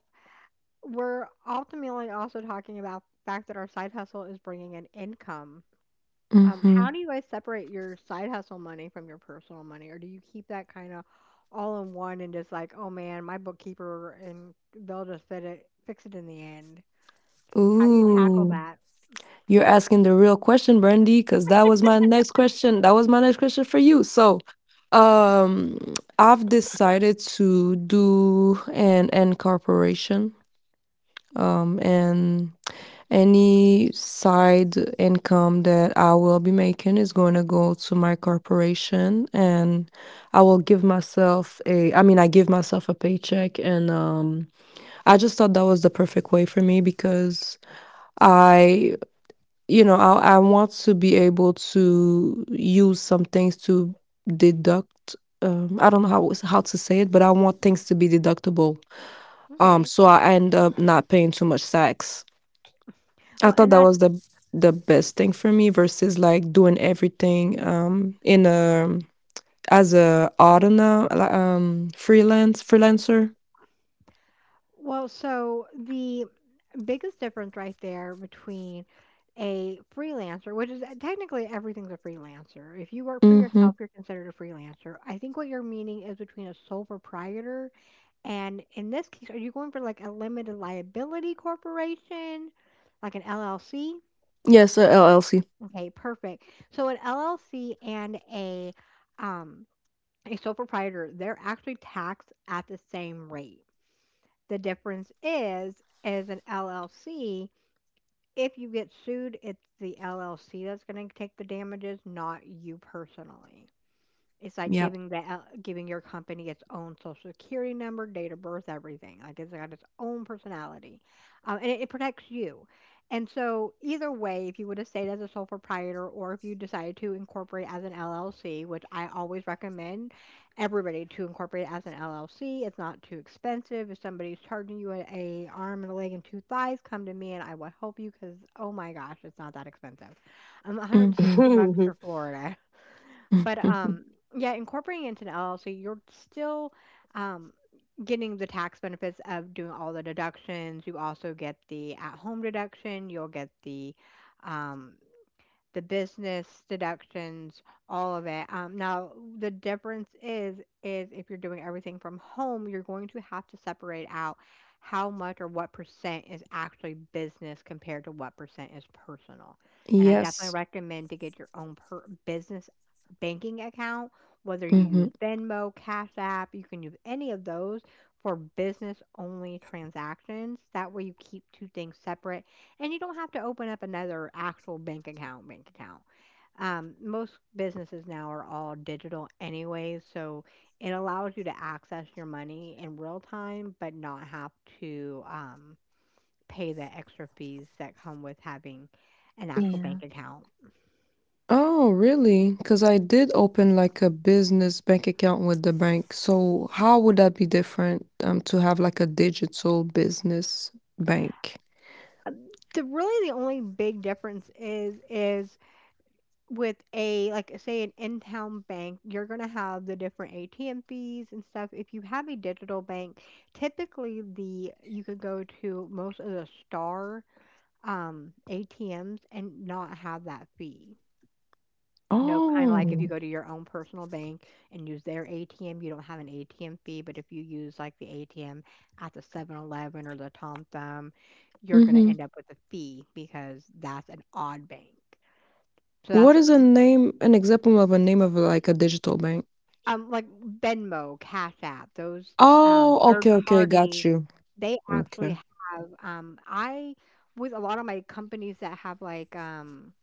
A: we're ultimately also talking about the fact that our side hustle is bringing in income. How
C: Mhm.
A: do you guys separate your side hustle money from your personal money, or do you keep that kind of all in one and just like, oh man, my bookkeeper and they'll just fix it in the end? How do you tackle
C: Ooh.
A: that?
C: You're asking the real question, Brandy, because that was my next question. That was my next question for you. So, um, I've decided to do an incorporation, and any side income that I will be making is going to go to my corporation, and I will give myself a. I mean, I give myself a paycheck, and I just thought that was the perfect way for me because. I You know, I want to be able to use some things to deduct. I don't know how to say it, but I want things to be deductible.
A: Okay.
C: So I end up not paying too much tax. I
A: Well,
C: thought
A: and
C: that
A: that's
C: was the best thing for me versus like doing everything in a as a autumn freelance freelancer.
A: So the biggest difference right there between a freelancer, which is technically everything's a freelancer. If you work for
C: Mm-hmm.
A: yourself, you're considered a freelancer. I think what you're meaning is between a sole proprietor and, in this case, are you going for like a limited liability corporation, like an LLC?
C: Yes, a LLC.
A: Okay, perfect. So an LLC and a um a sole proprietor, they're actually taxed at the same rate. The difference is, as an LLC, if you get sued, it's the LLC that's going to take the damages, not you personally. It's like
C: Yep.
A: giving that out giving your company its own social security number, date of birth, everything. Like it's got its own personality, and it protects you. And so, either way, if you would have stayed as a sole proprietor, or if you decided to incorporate as an LLC, which I always recommend everybody to incorporate as an LLC, it's not too expensive. If somebody's charging you a arm and a leg and two thighs, come to me and I will help you. Because oh my gosh, it's not that expensive. 160
C: Mm-hmm.
A: bucks for
B: *laughs*
A: Florida. But
C: *laughs*
A: yeah, incorporating into an LLC, you're still um, getting the tax benefits of doing all the deductions. You also get the at-home deduction. You'll get um, the business deductions, all of it. Now, the difference is if you're doing everything from home, you're going to have to separate out how much, or what percent is actually business compared to what percent is personal. And I definitely
C: Yes.
A: recommend to get your own business banking account, whether you
C: Mm-hmm.
A: use Venmo, Cash App. You can use any of those for business only transactions. That way you keep two things separate and you don't have to open up another bank account. Most businesses now are all digital anyways, so it allows you to access your money in real time, but not have to pay the extra fees that come with having an actual
B: Yeah.
A: bank account.
C: Oh, really? Because I did open like a business bank account with the bank. So how would that be different to have like a digital business bank?
A: The really the only big difference is with a, like say, an in-town bank, you're gonna have the different ATM fees and stuff. If you have a digital bank, typically the you could go to most of the star ATMs and not have that fee. You know, kind of like if you
C: Oh.
A: go to your own personal bank and use their ATM, you don't have an ATM fee. But if you use like the ATM at the 7-Eleven or the Tom Thumb, you're going to
C: Mm-hmm.
A: end up with a fee because that's an odd bank. So
C: What
A: that's
C: is a name, an example of a name of like a digital bank?
A: Like Venmo, Cash App, those,
C: Oh,
A: third
C: okay, okay, got
A: party,
C: you.
A: they actually
C: Okay.
A: have, I with a lot of my companies that have, like,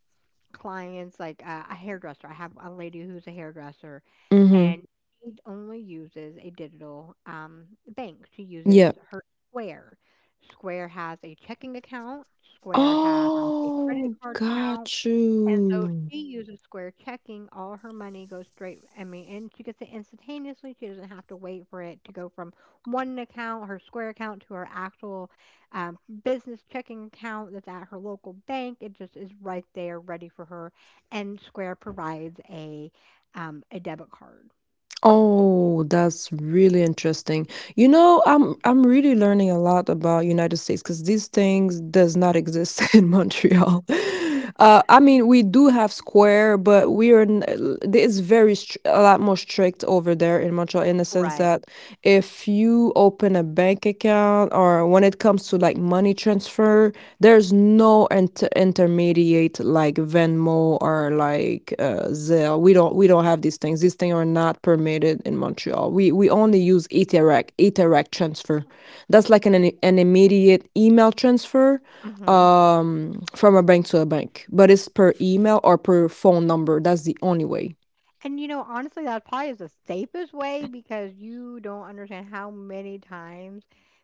A: clients, like, a hairdresser. I have a lady who's a hairdresser,
C: Mm-hmm.
A: and she only uses a digital, bank. She
C: Yeah.
A: uses her Square. Square has a checking account, Square has a credit
C: Oh,
A: card account,
C: got
A: and so
C: you.
A: she uses Square checking. All her money goes straight. I mean, and she gets it instantaneously. She doesn't have to wait for it to go from one account, her Square account, to her actual business checking account that's at her local bank. It just is right there, ready for her. And Square provides a debit card.
C: Oh, that's really interesting. You know, I'm really learning a lot about United States because these things does not exist *laughs* in Montreal. I mean, we do have Square, but we are n- l- it's very str a lot more strict over there in Montreal in the sense
A: Right.
C: that if you open a bank account or when it comes to like money transfer, there's no inter- intermediate like Venmo or like Zelle. We don't have these things. These things are not permitted in Montreal. We only use Etherec transfer. That's like an immediate email transfer
A: hmm
C: from a bank to a bank, but it's per email or per phone number. That's the only way.
A: And you know, honestly, that probably is the safest way because you don't understand how many times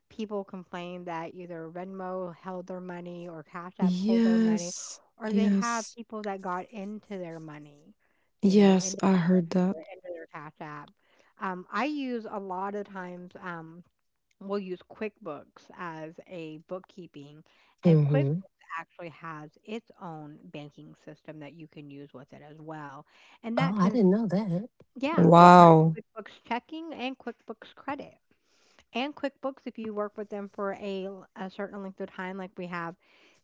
A: people complain that either Venmo held their money or Cash Apps hold their money,
C: Yes,
A: or they have
C: yes,
A: people that got into their money, you know,
C: yes, I heard that.
A: into their Cash App. I use a lot of times, we'll use QuickBooks as a bookkeeping, and QuickBooks
B: Hmm.
A: actually has its own banking system that you can use with it as well and that
B: Oh, I
A: tends
B: didn't know that.
A: yeah, they
C: Wow.
A: have QuickBooks checking and QuickBooks credit. And QuickBooks, if you work with them for a, a certain length of time, like we have,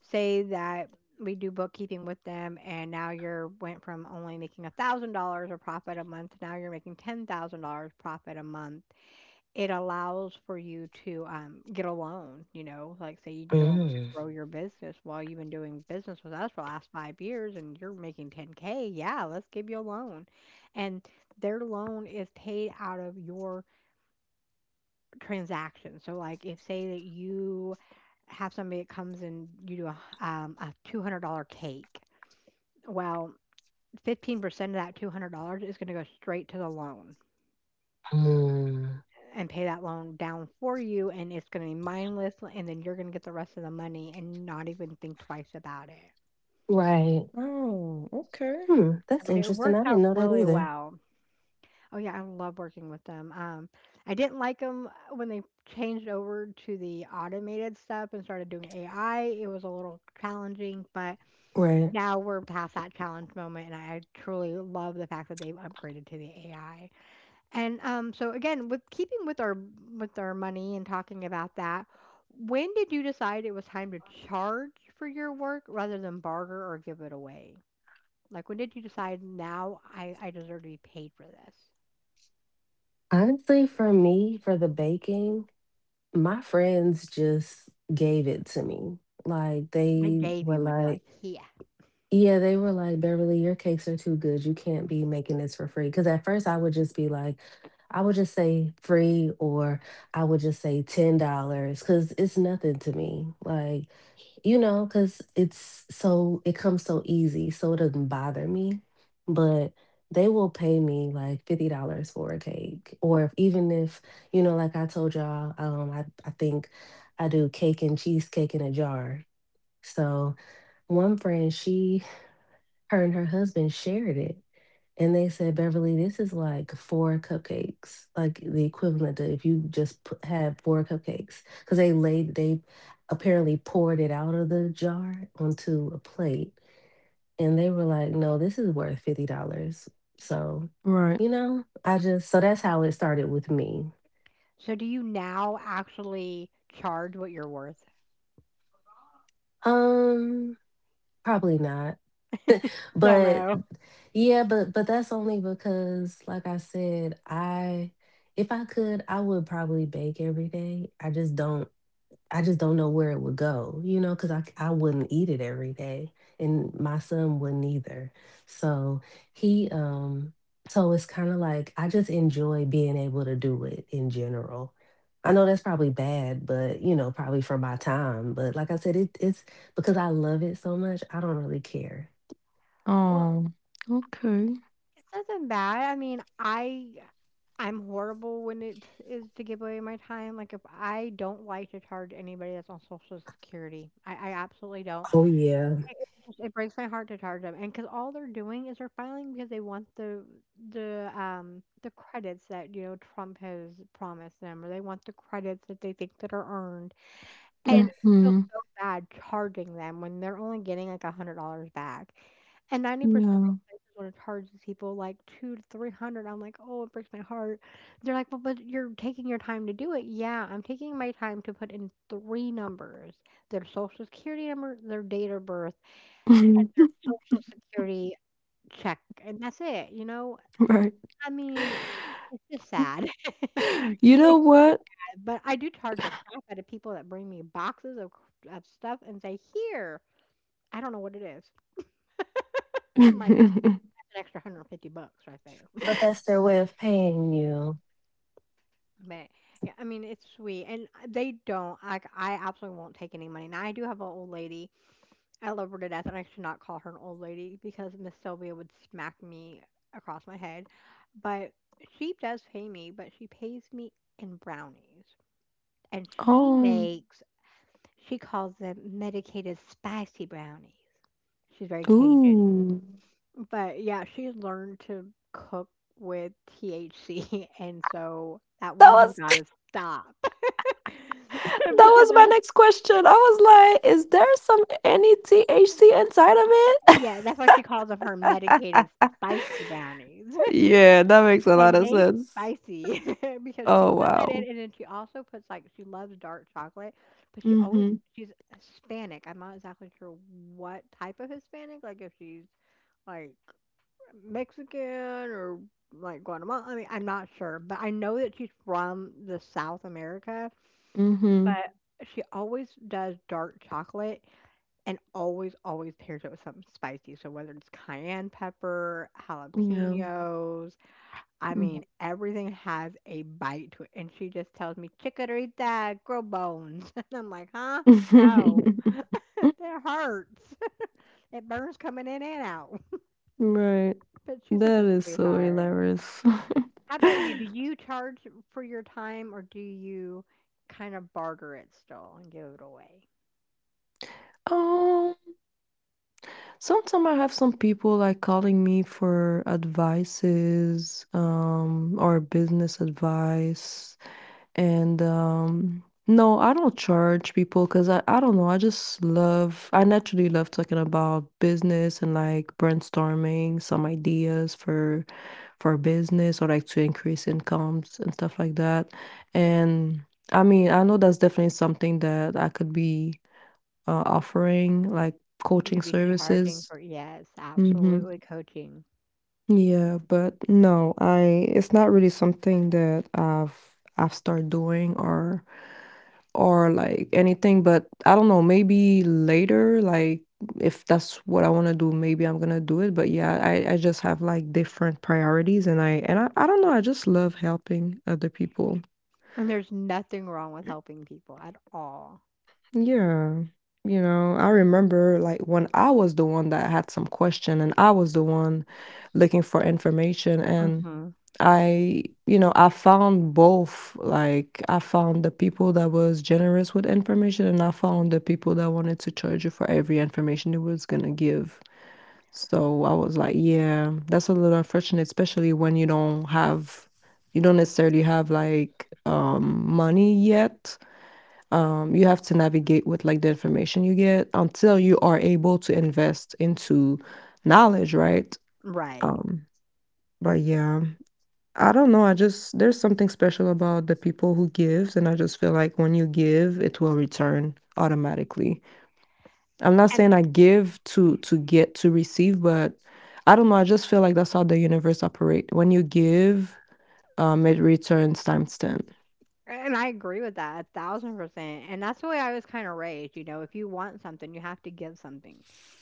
A: say that we do bookkeeping with them, and now you're went from only making $1,000 of profit a month, now you're making $10,000 profit a month. It allows for you to, get a loan, you know, like, say you need a loan to
B: Mm.
A: grow your business. "Well, you've been doing business with us for the last 5 years and you're making 10K, yeah, let's give you a loan." And their loan is paid out of your transaction. So, like, if say that you have somebody that comes and you do a $200 cake, well, 15% of that $200 is gonna go straight to the loan
B: Mm.
A: and pay that loan down for you, and it's going to be mindless, and then you're going to get the rest of the money and not even think twice about it.
B: Right.
C: Oh, okay.
B: Hmm.
A: I
B: That's
A: mean, it
B: interesting.
A: works
B: I
A: out
B: didn't know that
A: really
B: either.
A: well. Oh yeah, I love working with them. I didn't like them when they changed over to the automated stuff and started doing AI. It was a little challenging, but
B: Right.
A: now we're past that challenge moment, and I truly love the fact that they've upgraded to the AI. And so again, with keeping with our money and talking about that, when did you decide it was time to charge for your work rather than barter or give it away? Like when did you decide now I deserve to be paid for this?
B: Honestly, for me, for the baking, my friends just gave it to me. Like
A: I
B: they
A: gave you
B: were
A: money, like
B: like,
A: here.
B: Yeah, they were like, Beverly, your cakes are too good. You can't be making this for free. Because at first I would just be like, I would just say free, or I would just say $10, because it's nothing to me. Like, because it comes so easy. So it doesn't bother me. But they will pay me like $50 for a cake. Or if, even if, you know, like I told y'all, I think I do cake and cheesecake in a jar. So one friend, she her and her husband shared it. And they said, Beverly, this is like four cupcakes, like the equivalent to if you just had four cupcakes. Because they apparently poured it out of the jar onto a plate. And they were like, no, this is worth $50. So,
C: Right.
B: so that's how it started with me.
A: So do you now actually charge what you're worth?
B: Um, probably not.
A: Still
B: But
A: no.
B: yeah, but that's only because, like I said, I if I could, I would probably bake every day. I just don't know where it would go, because I wouldn't eat it every day, and my son wouldn't either. So he so it's kind of like I just enjoy being able to do it in general. I know that's probably bad, but probably for my time. But like I said, it's because I love it so much, I don't really care.
A: Well,
C: Oh, okay.
A: it's nothing bad. I mean, I'm horrible when it is to give away my time. Like if I don't like to charge anybody that's on Social Security, I absolutely don't.
B: Oh yeah.
A: It just it breaks my heart to charge them, and because all they're doing is they're filing because they want the the credits that you know Trump has promised them, or they want the credits that they think that are earned. And I feel
C: Mhm.
A: so bad charging them when they're only getting, like, $100 back. And 90%
C: Yeah.
A: of places wanna charge these people, like, 2 to 300. I'm like, "Oh, it breaks my heart." They're like, "Well, but you're taking your time to do it." Yeah, I'm taking my time to put in 3 numbers, their social security number, their date of birth,
C: *laughs*
A: social security check, and that's it, you know?
C: Right.
A: I mean, it's just sad. *laughs*
C: You
A: It
C: know
A: makes me feel
C: what?
A: bad, but I do charge the crap out of people that bring me boxes of c of stuff and say, "Here. I don't know what it is." I'm like,
C: *laughs*
A: "That's an extra 150 bucks right there." *laughs*
B: But that's their way of paying you.
A: But, yeah, I mean, it's sweet, and they don't like, I absolutely won't take any money. Now, I do have an old lady. I love her to death, and I should not call her an old lady because Miss Sylvia would smack me across my head, but she does pay me, but she pays me in brownies, and
C: Oh.
A: she calls them medicated spicy brownies. She's very Cajun.
C: Ooh.
A: But yeah, she learned to cook with THC, *laughs* and so that
C: That
A: woman has
C: was *laughs*
A: got
C: that
A: to stop. *laughs* because
C: was my next question. I was like, "Is there some any THC inside of it?"
A: yeah, that's why she calls them her medicated spicy brownies.
C: *laughs* Yeah, that makes
A: *laughs*
C: a lot
A: And
C: of
A: they
C: sense.
A: spicy *laughs* because she
C: Oh,
A: puts that in,
C: wow.
A: and then she also puts she loves dark chocolate, but she always
C: Mhm.
A: she's Hispanic. I'm not exactly sure what type of Hispanic, like if she's like Mexican or like Guatemala. I mean, I'm not sure, but I know that she's from the South America,
C: Mhm.
A: but she always does dark chocolate and always, always pairs it with something spicy. So whether it's cayenne pepper,
C: Yeah.
A: jalapenos, I
C: Mm.
A: mean, everything has a bite to it. And she just tells me, chikorita, grow bones. *laughs* And I'm like, huh? No, *laughs*
C: *laughs*
A: that hurts. *laughs* It burns coming in and out.
C: Right.
A: *laughs* But she's such
C: That
A: a
C: is so
A: sweetheart.
C: hilarious. *laughs*
A: How about you? Do you charge for your time or do you kind of barter it still and give it away?
C: Um, Sometimes I have some people like calling me for advices, or business advice. And, no, I don't charge people because I don't know, I just love I naturally love talking about business and, like, brainstorming some ideas for business or, like, to increase incomes and stuff like that. And, I mean, I know that's definitely something that I could be, offering, like,
A: You
C: coaching
A: could be charging
C: services.
A: for, yes,
C: Mhm.
A: absolutely coaching.
C: Yeah, but no, I it's not really something that I've started doing or like anything, but I don't know, maybe later, like if that's what I want to do, maybe I'm gonna do it. But yeah, I just have like different priorities and I don't know, I just love helping other people.
A: And there's nothing wrong with helping people at all.
C: Yeah. You know, I remember like when I was the one that had some question and I was the one looking for information and
A: Mhm.
C: you know, I found both. Like, I found the people that was generous with information, and I found the people that wanted to charge you for every information it was gonna give. So I was like, yeah, that's a little unfortunate, especially when you don't have, you don't necessarily have like money yet. You have to navigate with like the information you get until you are able to invest into knowledge, right?
A: Right.
C: Um, but yeah. I don't know, I just there's something special about the people who gives, and I just feel like when you give, it will return automatically. I'm not saying I give to get to receive, but I don't know, I just feel like that's how the universe operate. When you give, it returns times 10.
A: And I agree with that 1000%. And that's the way I was kind of raised. You know, if you want something, you have to give something.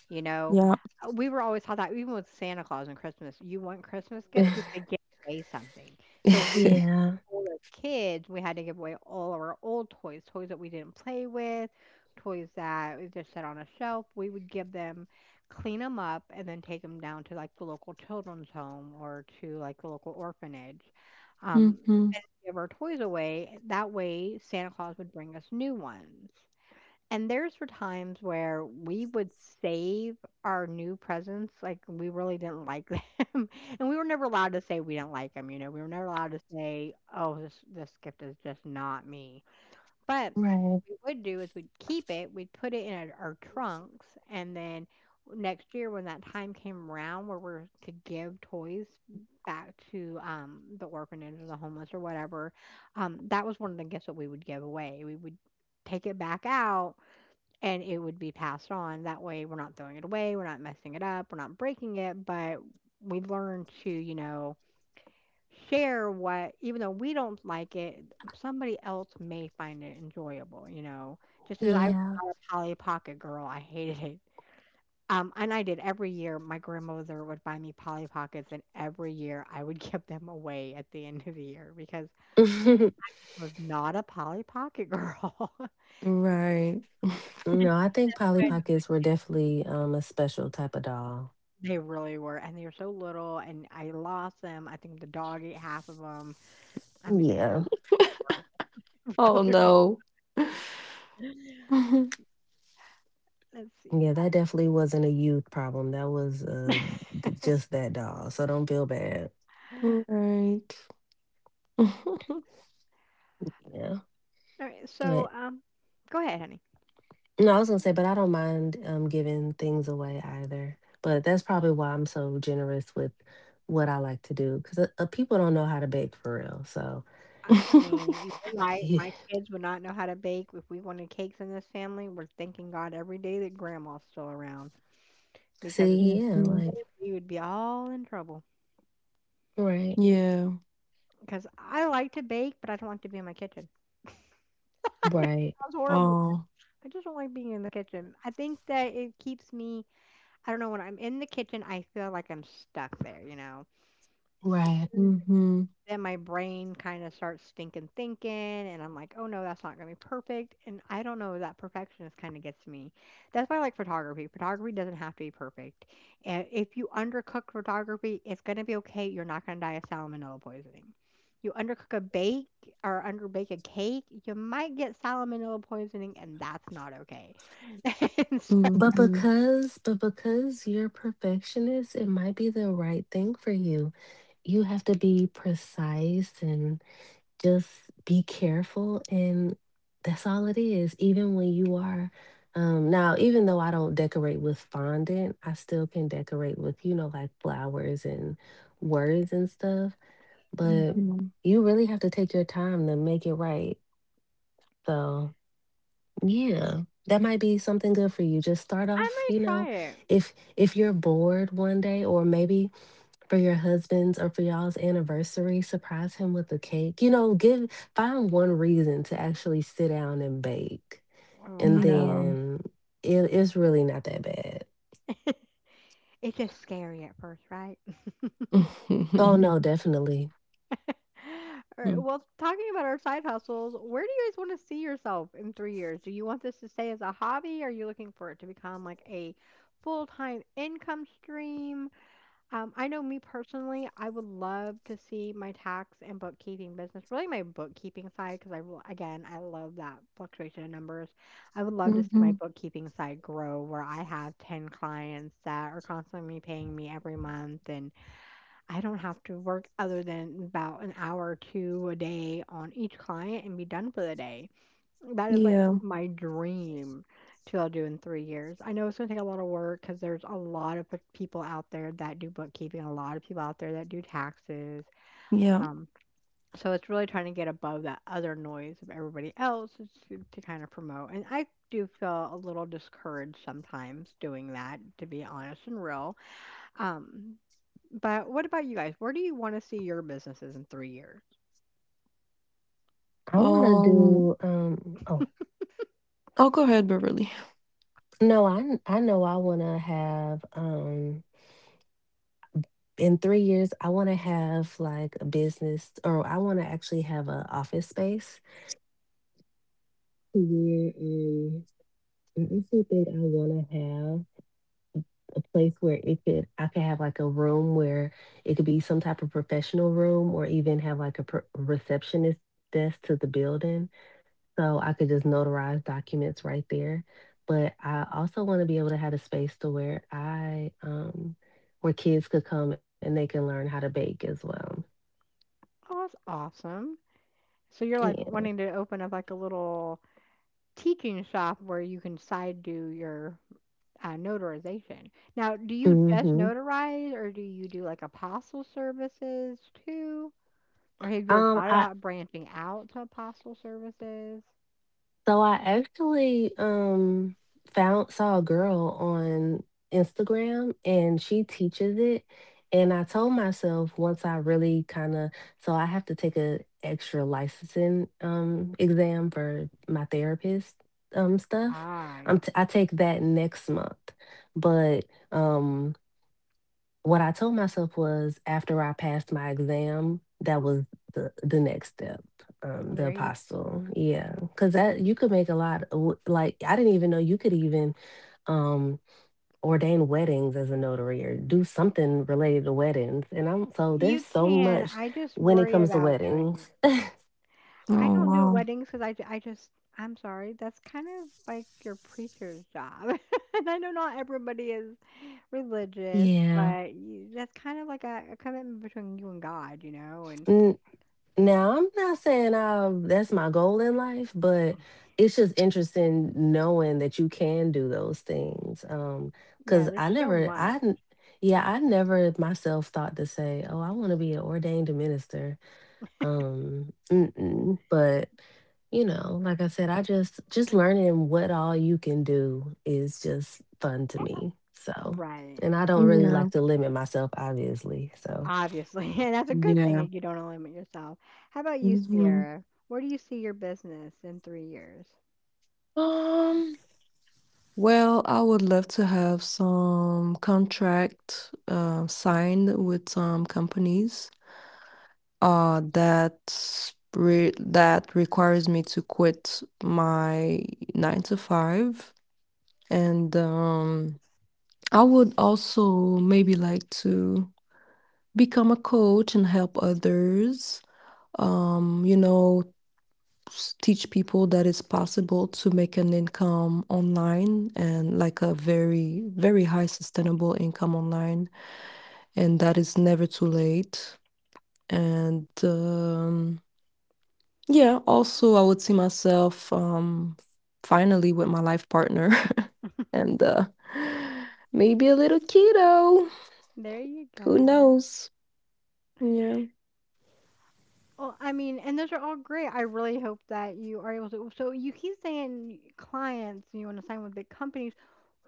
A: You know,
C: Yeah.
A: We were always taught that even with Santa Claus and Christmas, you want Christmas gifts, you have to give
B: *laughs*
A: away something. So we,
C: *laughs*
B: Yeah.
A: all as kids, we had to give away all of our old toys, toys that we didn't play with, toys that we just set on a shelf. We would give them, clean them up, and then take them down to like the local children's home or to like the local orphanage. Um,
C: Mhm.
A: Give our toys away. That way, Santa Claus would bring us new ones. And there's for times where we would save our new presents, like we really didn't like them, *laughs* and we were never allowed to say we didn't like them. You know, we were never allowed to say, "Oh, this gift is just not me." But what
B: Right.
A: we would do is we'd keep it, we'd put it in our trunks, and then next year when that time came around where we're to give toys back to the orphanage or the homeless or whatever, that was one of the gifts that we would give away. We would take it back out and it would be passed on. That way we're not throwing it away, we're not messing it up, we're not breaking it, but we learn to, you know, share what, even though we don't like it, somebody else may find it enjoyable, you know, just because I was not
B: Yeah.
A: a Polly Pocket girl, I hated it. And I did every year. My grandmother would buy me Polly Pockets, and every year I would *laughs* give them away at the end of the year because
B: *laughs*
A: I
B: No,
A: just was not a Polly Pocket girl. *laughs*
C: Right.
A: And to me,
B: I think Polly Pockets were definitely a special type of doll.
A: they really were, and they were so little, and I lost them. I think the dog ate half of them. I mean, this was
B: Yeah.
C: Oh
A: *laughs*
C: no.
A: really.
C: *laughs*
A: Let's see.
B: Yeah, that definitely wasn't a youth problem. That was just that doll. So don't feel bad.
A: *laughs*
C: Right. *laughs*
B: Yeah.
A: All right. So,
B: But
A: go ahead, honey.
B: no, I was going to say, but I don't mind giving things away either. But that's probably why I'm so generous with what I like to do because people don't know how to bake for real. So,
A: I mean, you know, my
B: *laughs*
A: my
B: yeah.
A: kids would not know how to bake if we wanted cakes in this family. We're thanking God every day that Grandma's still around because if
B: See,
A: she
B: yeah,
C: Mhm.
B: like.
A: didn't, we would be all in trouble.
B: Right,
C: Yeah.
A: Because I like to bake, but I don't like to be in my kitchen.
B: right,
A: Sounds horrible.
C: Oh.
A: I just don't like being in the kitchen. I think that it keeps me. I don't know when I'm in the kitchen, I feel like I'm stuck there. You know.
B: right.
C: Mhm.
A: Then my brain kinda starts stinking thinking, and I'm like, "Oh, no, that's not gonna be perfect," and I don't know, that perfectionist kinda gets me. That's why I like photography. Photography doesn't have to be perfect, and if you undercook photography, it's gonna be okay, you're not gonna die of salmonella poisoning. You undercook a bake or underbake a cake, you might get salmonella poisoning, and that's not okay. *laughs* And so
B: But
C: Mhm.
B: because, but because you're perfectionist, it might be the right thing for you. You have to be precise and just be careful. And that's all it is. Even when you are, now, even though I don't decorate with fondant, I still can decorate with, like flowers and words and stuff. But
C: Mhm.
B: you really have to take your time to make it right. So. Yeah, that might be something good for you. Just start
A: I
B: off,
A: might try it.
B: if you're bored one day, or maybe for your husband's or for y'all's anniversary, surprise him with a cake. You know, give find one reason to actually sit down and bake,
A: Oh,
B: and
A: I mean
C: Yeah.
B: then it's really not that bad.
A: *laughs* it's just scary at first, right?
B: Oh no,
C: *laughs*
B: definitely.
A: *laughs* All
C: Mhm.
A: right. Well, talking about our side hustles, where do you guys want to see yourself in 3 years? Do you want this to stay as a hobby? Are you looking for it to become like a full time income stream? I know me personally, I would love to see my tax and bookkeeping business, really my bookkeeping side, because I, again, I love that fluctuation in numbers. I would love to see my
C: Mhm.
A: bookkeeping side grow where I have 10 clients that are constantly paying me every month and I don't have to work other than about an hour or 2 a day on each client and be done for the day. That is, like,
C: Yeah.
A: my dream to I'll do in 3 years. I know it's gonna take a lot of work because there's a lot of p people out there that do bookkeeping, a lot of people out there that do taxes,
C: Yeah.
A: um, so it's really trying to get above that other noise of everybody else is to kinda promote, and I do feel a little discouraged sometimes doing that, to be honest and real. Um, but what about you guys? Where do you want to see your businesses in 3 years?
B: I want to
C: Um.
B: do. Oh
C: I'll go ahead, Beverly.
B: no, I know I want to have. In 3 years, I want to have like a business or I want to actually have an office space where I also think I want to have a place where I could have like a room where it could be some type of professional room or even have like a receptionist desk to the building. So I could just notarize documents right there. But I also want to be able to have a space to where kids could come and they can learn how to bake as well.
A: Oh, that's awesome. So you're like
B: Yeah.
A: wanting to open up like a little teaching shop where you can side do your notarization. Now, do you just
B: Hmm.
A: notarize or do you do like apostle services too? Or have you ever thought
B: I
A: about branching out to apostle services?
B: so I actually, found saw a girl on Instagram, and she teaches it, and I told myself once I really kinda so I have to take a extra licensing exam for my therapist stuff.
A: Ah, yeah.
B: I take that next month, but, um What I told myself was after I passed my exam, that was the next step, the
A: There you
B: apostle. Yeah. Because that you could make a lot w like, I didn't even know you could even, um, ordain weddings as a notary or do something related to weddings, and I'm so there's
A: you
B: so
A: can.
B: much
A: I just
B: when it
A: worry
B: comes to
A: about doing
B: weddings.
A: it.
B: *laughs*
A: I
C: Oh
A: don't do
C: wow.
A: weddings weddings because I ju I just I'm sorry, that's kind of like your preacher's job, *laughs* and I know not everybody is religious,
B: Yeah.
A: but y that's kind of like a commitment between you and God, you know, and
B: Now, I'm not saying that's my goal in life, but it's just interesting knowing that you can do those things.
A: yeah,
B: 'Cause
A: there's
B: I
A: so
B: never,
A: much.
B: I, n- yeah, I never myself thought to say, oh, I want to be an ordained minister. Mm-mm. But like I said, I just learning what all you can do is just fun to me. So,
A: Right,
B: and I don't really
C: Yeah.
B: like to limit myself, obviously. So.
A: obviously, *laughs* and that's a good thing
C: Yeah.
A: that you don't limit yourself. How about you,
C: Hmm.
A: Sierra? Where do you see your business in 3 years?
C: Um. Well, I would love to have some contract signed with some companies. Uh, that that requires me to quit my nine to five and I would also maybe like to become a coach and help others. You know, s- teach people that it's possible to make an income online and like a very, very high sustainable income online, and that is never too late. And yeah, also I would see myself finally with my life partner *laughs* and maybe a little kiddo.
A: There you
C: Who
A: go.
C: knows? Yeah.
A: Well, I mean, and those are all great. I really hope that you are able to. So you keep saying clients, and you want to sign with big companies.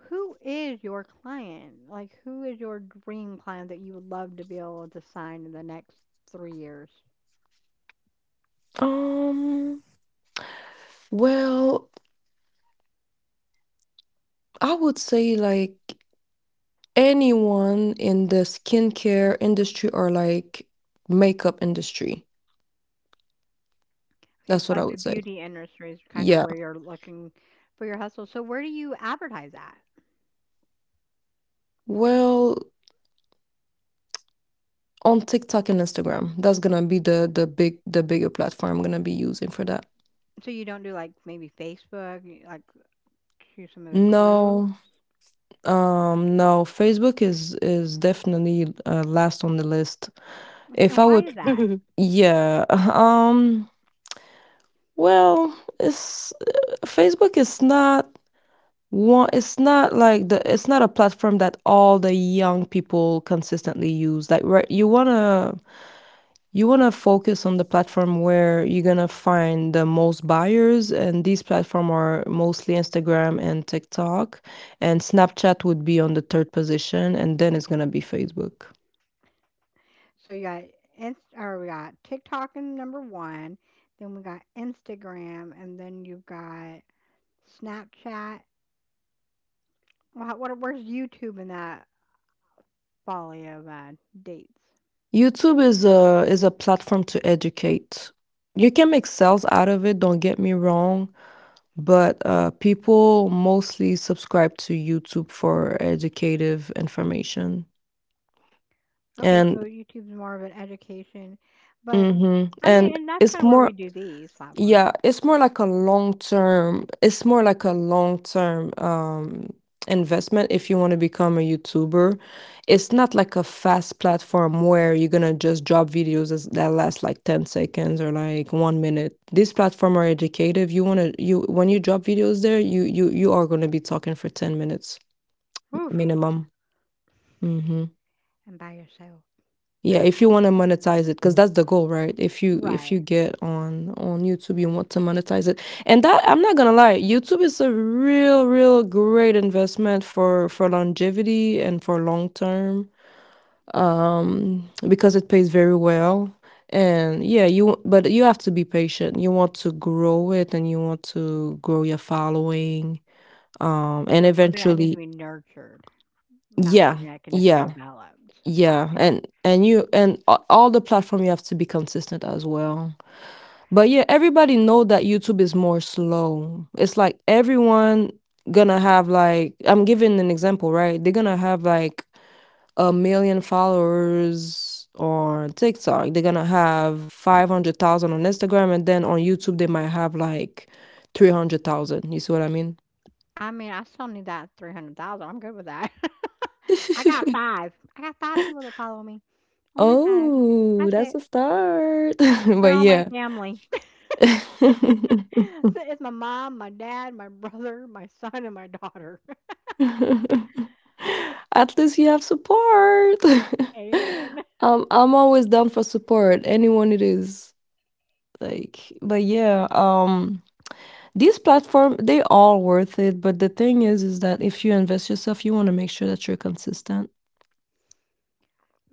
A: Who is your client? Like, who is your dream client that you would love to be able to sign in the next 3 years?
C: Um, well, I would say like anyone in the skincare industry or like makeup industry.
A: Okay, so
C: That's what I
A: like the
C: would say.
A: beauty industry is kind of
C: Yeah.
A: where you're looking for your hustle. So where do you advertise at?
C: Well, on TikTok and Instagram. That's gonna be the bigger platform I'm gonna be using for that.
A: So you don't do like maybe Facebook, you, like to some of the group.
C: No. No, Facebook is definitely last on the list.
A: Okay,
C: If
A: and
C: I
A: why
C: would,
A: is that?
B: *laughs*
C: yeah. *laughs* Well, it's Facebook is not one it's not like the it's not a platform that all the young people consistently use. Like right, you want to focus on the platform where you're going to find the most buyers and these platform are mostly Instagram and TikTok and Snapchat would be on the third position and then it's going to be Facebook.
A: So you got Inst- or we got TikTok in number one, then we got Instagram, and then you've got Snapchat. What, where's YouTube in that folly of dates?
C: YouTube is a platform to educate. You can make sales out of it, don't get me wrong, but people mostly subscribe to YouTube for educative information.
A: Okay, so
C: And
A: YouTube's more of an education, but
C: mhm,
A: I mean,
C: and
A: and that's kind
C: it's
A: of where we
C: more
A: do these platforms.
C: yeah, it's more like a long term, it's more like a long term investment if you want to become a YouTuber. It's not like a fast platform where you're gonna just drop videos as- that last like 10 seconds or like 1 minute. These platforms are educative. You wanna you When you drop videos there, you are gonna be talking for 10 minutes
A: Whew,
C: minimum. Mm-hmm.
A: and by yourself.
C: Yeah, if you want to monetize it, because that's the goal, right? If you
A: Right.
C: get on YouTube, you want to monetize it, and that I'm not gonna lie, YouTube is a real, real great investment for longevity and for long term, because it pays very well. And yeah, you but you have to be patient. You want to grow it, and you want to grow your following, and
A: So it's something that needs to
C: eventually,
A: be nurtured, not
C: yeah,
A: something that can just be
C: yeah.
A: developed.
C: Yeah, and you all the platform you have to be consistent as well. But yeah, everybody know that YouTube is more slow. It's like everyone gonna have like I'm giving an example, right? They're gonna have like a million followers on TikTok. They're gonna have 500,000 on Instagram and then on YouTube they might have like 300,000. You see what I mean?
A: I mean, I still need that 300,000. I'm good with that. *laughs* I got
C: *laughs*
A: 5. I got 5 people that follow me. Only 5.
C: Oh,
A: That's
C: that's a
A: it.
C: start. *laughs*
A: They're
C: But
A: all my
C: yeah.
A: family. *laughs*
C: *laughs*
A: So it's my mom, my dad, my brother, my son, and my daughter.
C: *laughs* At least you have support.
A: *laughs* Amen.
C: *laughs* I'm always down for support, anyone it is. Like, but yeah, these platform, they all worth it, but the thing is that if you invest yourself, you want to make sure that you're consistent.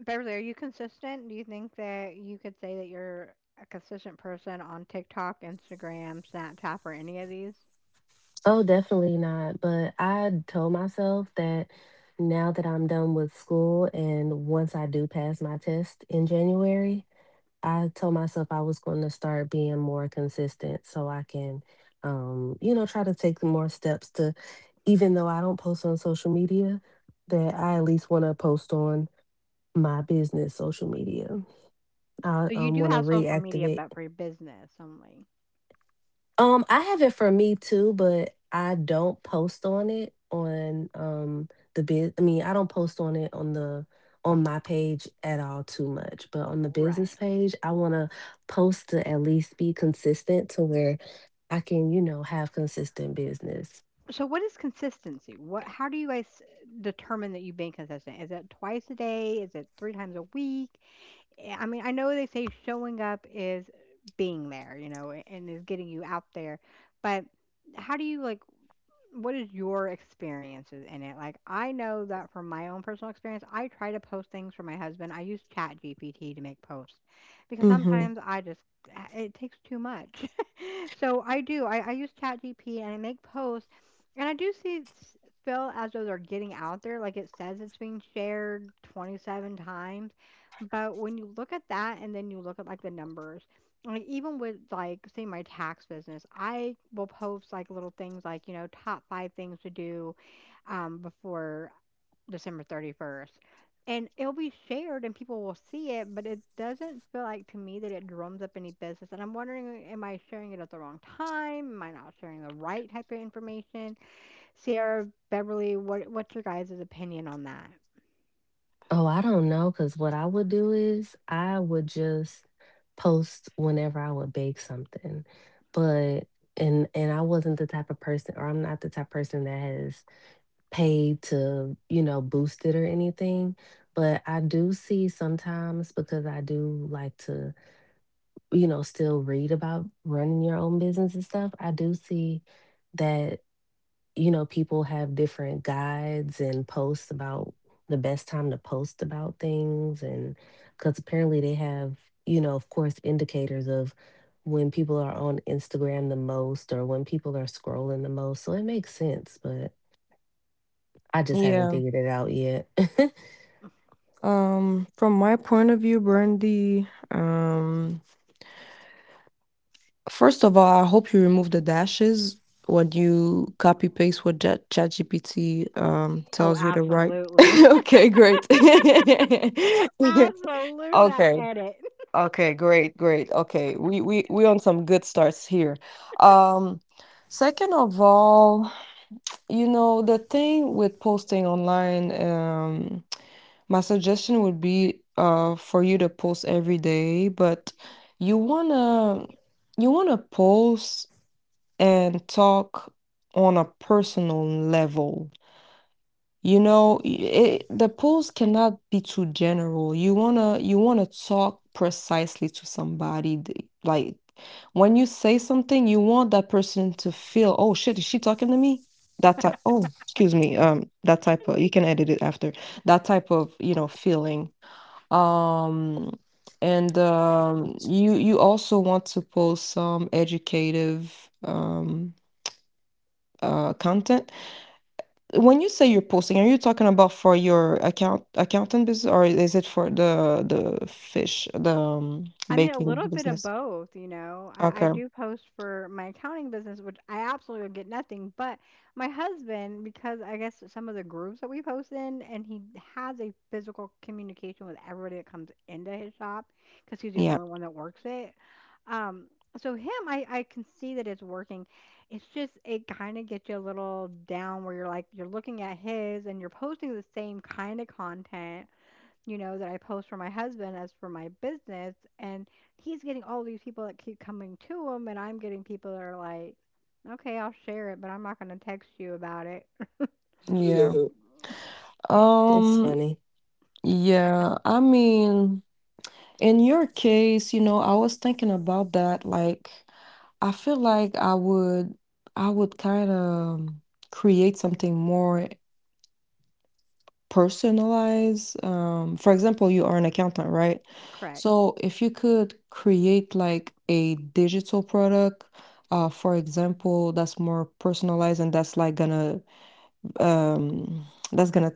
A: Beverly, are you consistent? Do you think that you could say that you're a consistent person on TikTok, Instagram, Snapchat, or any of these?
B: Oh, definitely not. But I told myself that now that I'm done with school and once I do pass my test in January, I told myself I was going to start being more consistent so I can, try to take more steps to, even though I don't post on social media, that I at least want to post on my business social media. I
A: So you do
B: want to
A: have social media,
B: reactivate.
A: but for your business only.
B: I have it for me too, but I don't post on it on the biz. I mean, I don't post on it on the on my page at all too much, but on the business
A: Right.
B: page, I want to post to at least be consistent to where I can, have consistent business.
A: So what is consistency? What how do you guys determine that you've been consistent? Is it twice a day? Is it 3 times a week? Eh, I mean, I know they say showing up is being there, you know, and is getting you out there, but how do you like what is your experiences in it? Like, I know that from my own personal experience, I try to post things for my husband. I use Chat GPT to make posts because
C: Hmm.
A: sometimes I just ah, it takes too much. *laughs* So I do. I use GPT and I make posts, and I do see it's feel as though they're getting out there. Like it says it's being shared 27 times, but when you look at that and then you look at like the numbers like, even with, like, say my tax business, I will post, like, little things like, you know, top five things to do before December 31st. And it'll be shared and people will see it, but it doesn't feel like to me that it drums up any business. And I'm wondering, am I sharing it at the wrong time? Am I not sharing the right type of information? Sarah, Beverly, what's your guys' opinion on that?
B: Oh, I don't know, because what I would do is I would just post whenever I would bake something, but and I wasn't the type of person, or I'm not the type of person that has paid to, boost it or anything. But I do see sometimes because I do like to, still read about running your own business and stuff. I do see that, people have different guides and posts about the best time to post about things. And because apparently they have, of course, indicators of when people are on Instagram the most or when people are scrolling the most. So it makes sense. But I just haven't
C: Yeah.
B: figured it out yet. *laughs*
C: From my point of view, Brandy, first of all, I hope you remove the dashes when you copy paste what Ja- ChatGPT
A: Oh,
C: tells you to write. *laughs*
A: absolutely.
C: Okay, great. *laughs*
A: *laughs* Absolutely. I
C: Okay.
A: edit.
C: Okay, great, great. Okay. We on some good starts here. Um, Second of all, you know, the thing with posting online, my suggestion would be for you to post every day, but you wanna you wanna post and talk on a personal level. You know, y- the polls cannot be too general. You wanna talk precisely to somebody. Like when you say something, you want that person to feel, oh shit, is she talking to me? That type, oh, excuse me, that type of, you can edit it after. That type of, feeling. Um, and you also want to post some educative content. When you say you're posting, are you talking about for your accountant business, or is it for the fish, the
A: I mean, a
C: baking
A: little bit of
C: business?
A: both, you know. I
C: Okay.
A: do post for my accounting business, which I absolutely get nothing. But my husband, because I guess some of the groups that we post in, and he has a physical communication with everybody that comes into his shop, because he's the
C: Yeah.
A: only one that works it. Um, so him, I can see that it's working. It's just it kind of gets you a little down where you're like you're looking at his and you're posting the same kind of content you know, that I post for my husband as for my business. And he's getting all these people that keep coming to him, and I'm getting people that are like, okay, I'll share it, but I'm not going to text you about it.
C: Yeah.
B: Mhm. It's
C: Um,
B: funny.
C: yeah, I mean, in your case, you know, I was thinking about that. Like, I feel like, I would kind of create something more personalize, for example, you are an accountant, right?
A: Correct.
C: So if you could create like a digital product, for example, that's more personalized, and that's like gonna um, that's gonna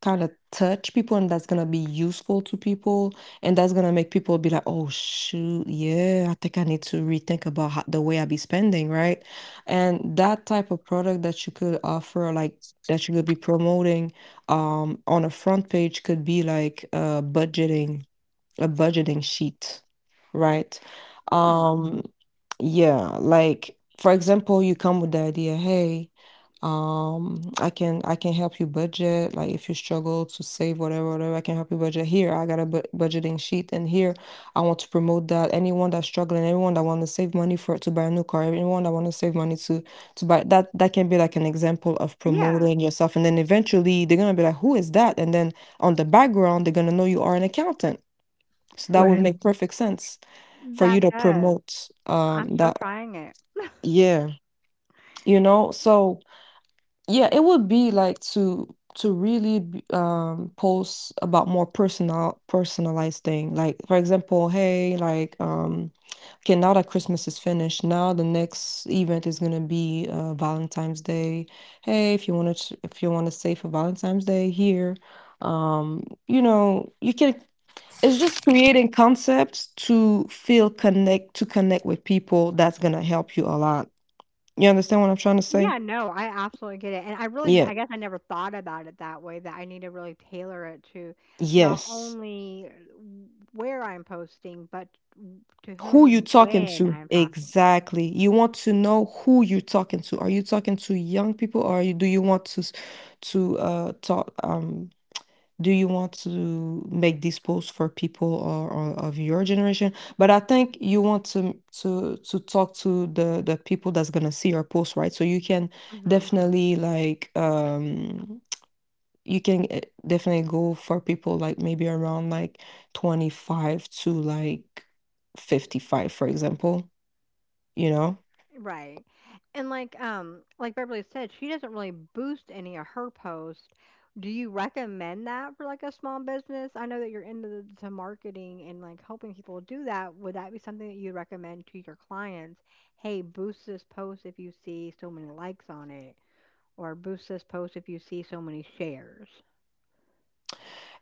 C: kind of touch people, and that's gonna be useful to people, and that's gonna make people be like, oh shoot, yeah, I think I need to rethink about how, the way I be spending, right? And that type of product that you could offer, like that you could be promoting on a front page, could be like budgeting, a budgeting sheet, right?
A: Hmm.
C: Um, yeah, like for example, you come with the idea, hey, I can help you budget. Like if you struggle to save whatever, whatever, I can help you budget. Here, I got a budgeting sheet, and here I want to promote that anyone that's struggling, everyone that want to save money for to buy a new car, anyone that want to save money to buy that, that can be like an example of
A: Yeah,
C: promoting yourself. And then eventually they're gonna be like, who is that? And then on the background, they're gonna know you are an accountant, so that would make perfect sense for you
A: that
C: to
A: does.
C: promote
A: I'm so
C: that.
A: trying it.
C: Yeah, you know. So yeah, it would be like to really post about more personalized thing. Like for example, hey, like okay, now that Christmas is finished, now the next event is gonna be Valentine's Day. Hey, if you wanna if you wanna save for Valentine's Day here, um, you know, you can, it's just creating concepts to feel connect to connect with people that's gonna help you a lot. You understand what I'm trying to say?
A: Yeah, no, I absolutely get it. And I really,
C: Yeah.
A: I guess I never thought about it that way, that I need to really tailor it to not
C: Yes.
A: only where I'm posting, but to
C: Who
A: whom
C: you
A: and
C: talking
A: when
C: to
A: I'm talking.
C: exactly? You want to know who you talking to. Are you talking to young people, or are you, do you want to talk do you want to make this post for people or of your generation? But I think you want to talk to the people that's gonna see your post, right? So you can
A: Hmm.
C: definitely like you can definitely go for people like maybe around like 25 to like 55, for example, you know?
A: Right. And like Beverly said, she doesn't really boost any of her posts. Do you recommend that for like a small business? I know that you're into to marketing and like helping people do that. Would that be something that you recommend to your clients? Hey, boost this post if you see so many likes on it, or boost this post if you see so many shares.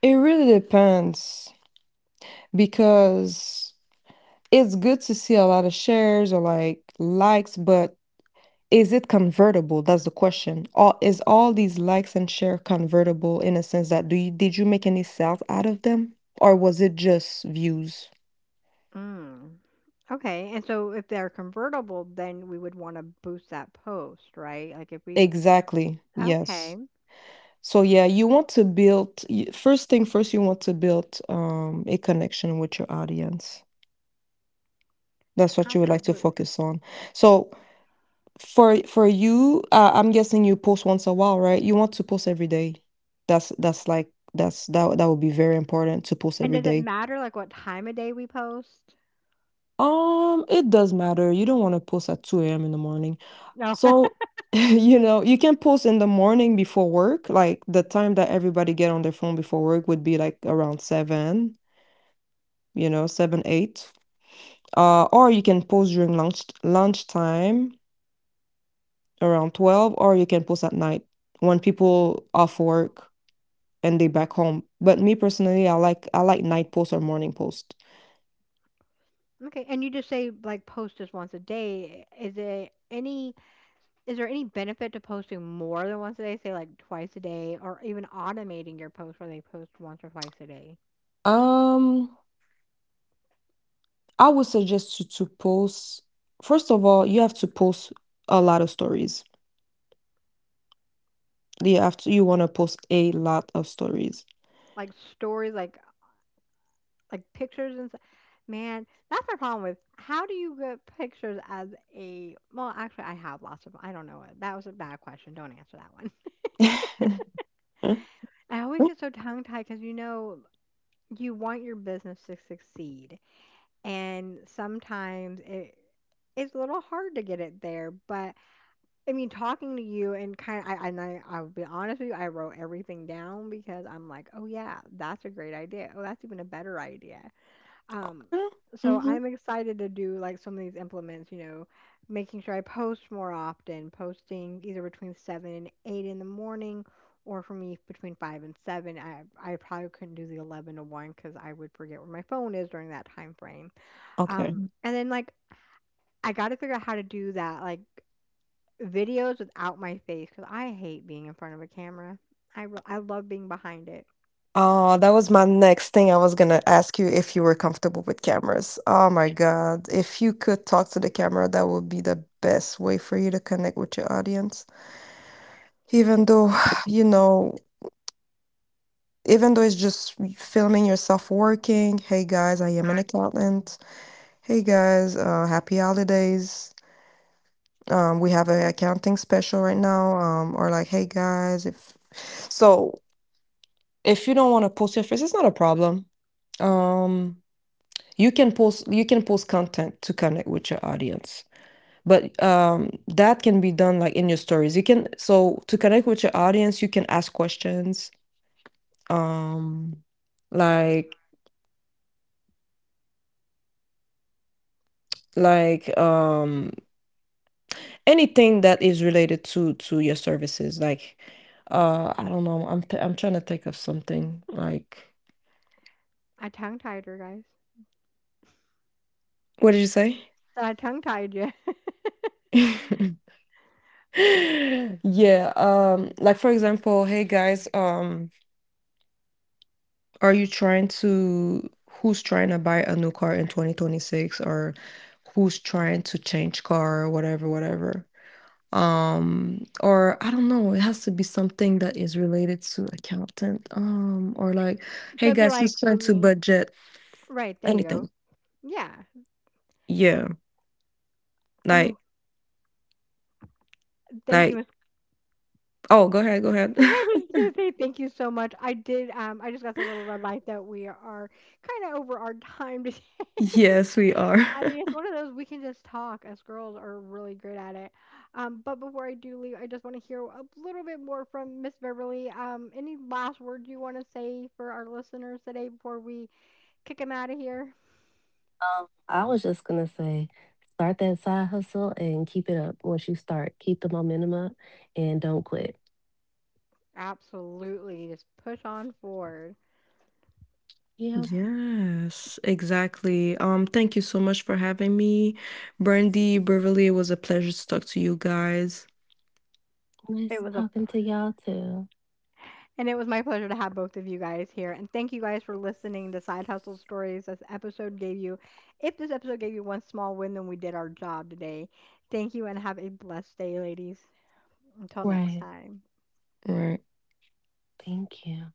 C: It really depends, because it's good to see a lot of shares or like likes, but is it convertible? That's the question. All is all these likes and share convertible in a sense that do you did you make any sales out of them? Or was it just views?
A: Mm. Okay. And so if they're convertible, then we would want to boost that post, right? Like if we
C: Exactly. Yes.
A: Okay,
C: So yeah, you want to build first thing first, you want to build a connection with your audience. That's what you would like to
A: absolutely.
C: focus on. So for you, I'm guessing you post once a while, right? You want to post every day. That's like that's that that would be very important to post
A: And
C: every
A: does it
C: day.
A: matter, like, what time of day we post?
C: It does matter. You don't want to post at 2 a.m. in the morning.
A: No. *laughs*
C: So, *laughs* you know, you can post in the morning before work. Like the time that everybody get on their phone before work would be like around 7, you know, 7, 8. Or you can post during lunchtime around 12, or you can post at night when people off work and they back home. But me personally, I like night post or morning post.
A: Okay, and you just say, like, post just once a day. Is there any benefit to posting more than once a day, say, like, twice a day, or even automating your post where they post once or twice a day?
C: Um, I would suggest you to post. First of all, you have to post a lot of stories. You have to, you want to post a lot of stories.
A: Like, stories, like, pictures and s man, that's my problem with how do you get pictures as a well, actually, I have lots of I don't know. That was a bad question. Don't answer that one.
C: *laughs*
A: *laughs* I always
C: Mm.
A: get so tongue-tied tied because you want your business to succeed, and sometimes it's a little hard to get it there. But I mean, talking to you and kind of, I'll be honest with you, I wrote everything down because I'm like, oh yeah, that's a great idea. Oh, that's even a better idea. Um,
C: Okay.
A: so
C: Mhm.
A: I'm excited to do like some of these implements. You know, making sure I post more often, posting either between seven and eight in the morning. Or for me, between five and seven, I probably couldn't do the 11 to one because I would forget where my phone is during that time frame.
C: Okay.
A: And then I got to figure out how to do that, like videos without my face, because I hate being in front of a camera. I love being behind it.
C: Oh, that was my next thing. I was gonna ask you if you were comfortable with cameras. Oh my God, if you could talk to the camera, that would be the best way for you to connect with your audience. Even though, *sighs* you know, even though it's just filming yourself working. Hey guys, I am an accountant. Hey guys, happy holidays. We have a accounting special right now. Or like, hey guys, if so, if you don't want to post your face, it's not a problem. Um, you can post content to connect with your audience. But that can be done like in your stories. You can so to connect with your audience, you can ask questions, um like like um anything that is related to your services, like I don't know, I'm trying to think of something, like
A: I tongue tied her, guys.
C: what did you say?
A: So I tongue tied you.
C: *laughs* yeah, like for example, hey guys, Are you trying to who's trying to buy a new car in 2026, or who's trying to change car or whatever, whatever. Or I don't know, it has to be something that is related to accountant. Or like,
A: *laughs* So
C: hey
A: it'd be
C: guys,
A: like
C: who's
A: for
C: trying to
A: me,
C: budget
A: right there you go.
C: anything?
A: Yeah,
C: Yeah,
A: I mean,
C: like
A: thank you.
C: like
A: Miss—
C: oh, go ahead, go ahead.
A: *laughs* I was just gonna say thank *laughs* you so much. I did. I just got the little red light that we are kind of over our time *laughs* today.
C: *laughs* yes, we are.
A: I
C: *laughs*
A: mean, it's one of those we can just talk. Us girls are really good at it. But before I do leave, I just want to hear a little bit more from Miss Beverly. Any last words you want to say for our listeners today before we kick them out of here?
B: I was just gonna say, start that side hustle and keep it up. Once you start, keep the momentum up and don't quit.
A: Absolutely, just push on forward.
B: Yep.
C: Yes, exactly. Thank you so much for having me. Brandy, Beverly, it was a pleasure to talk to you guys.
A: It
B: Nice
A: was a
B: talking to y'all too.
A: And it was my pleasure to have both of you guys here. And thank you guys for listening to Side Hustle Stories. This episode gave you, If this episode gave you one small win, then we did our job today. Thank you and have a blessed day, ladies. Until next
B: Right.
A: time.
C: Right.
B: Thank you.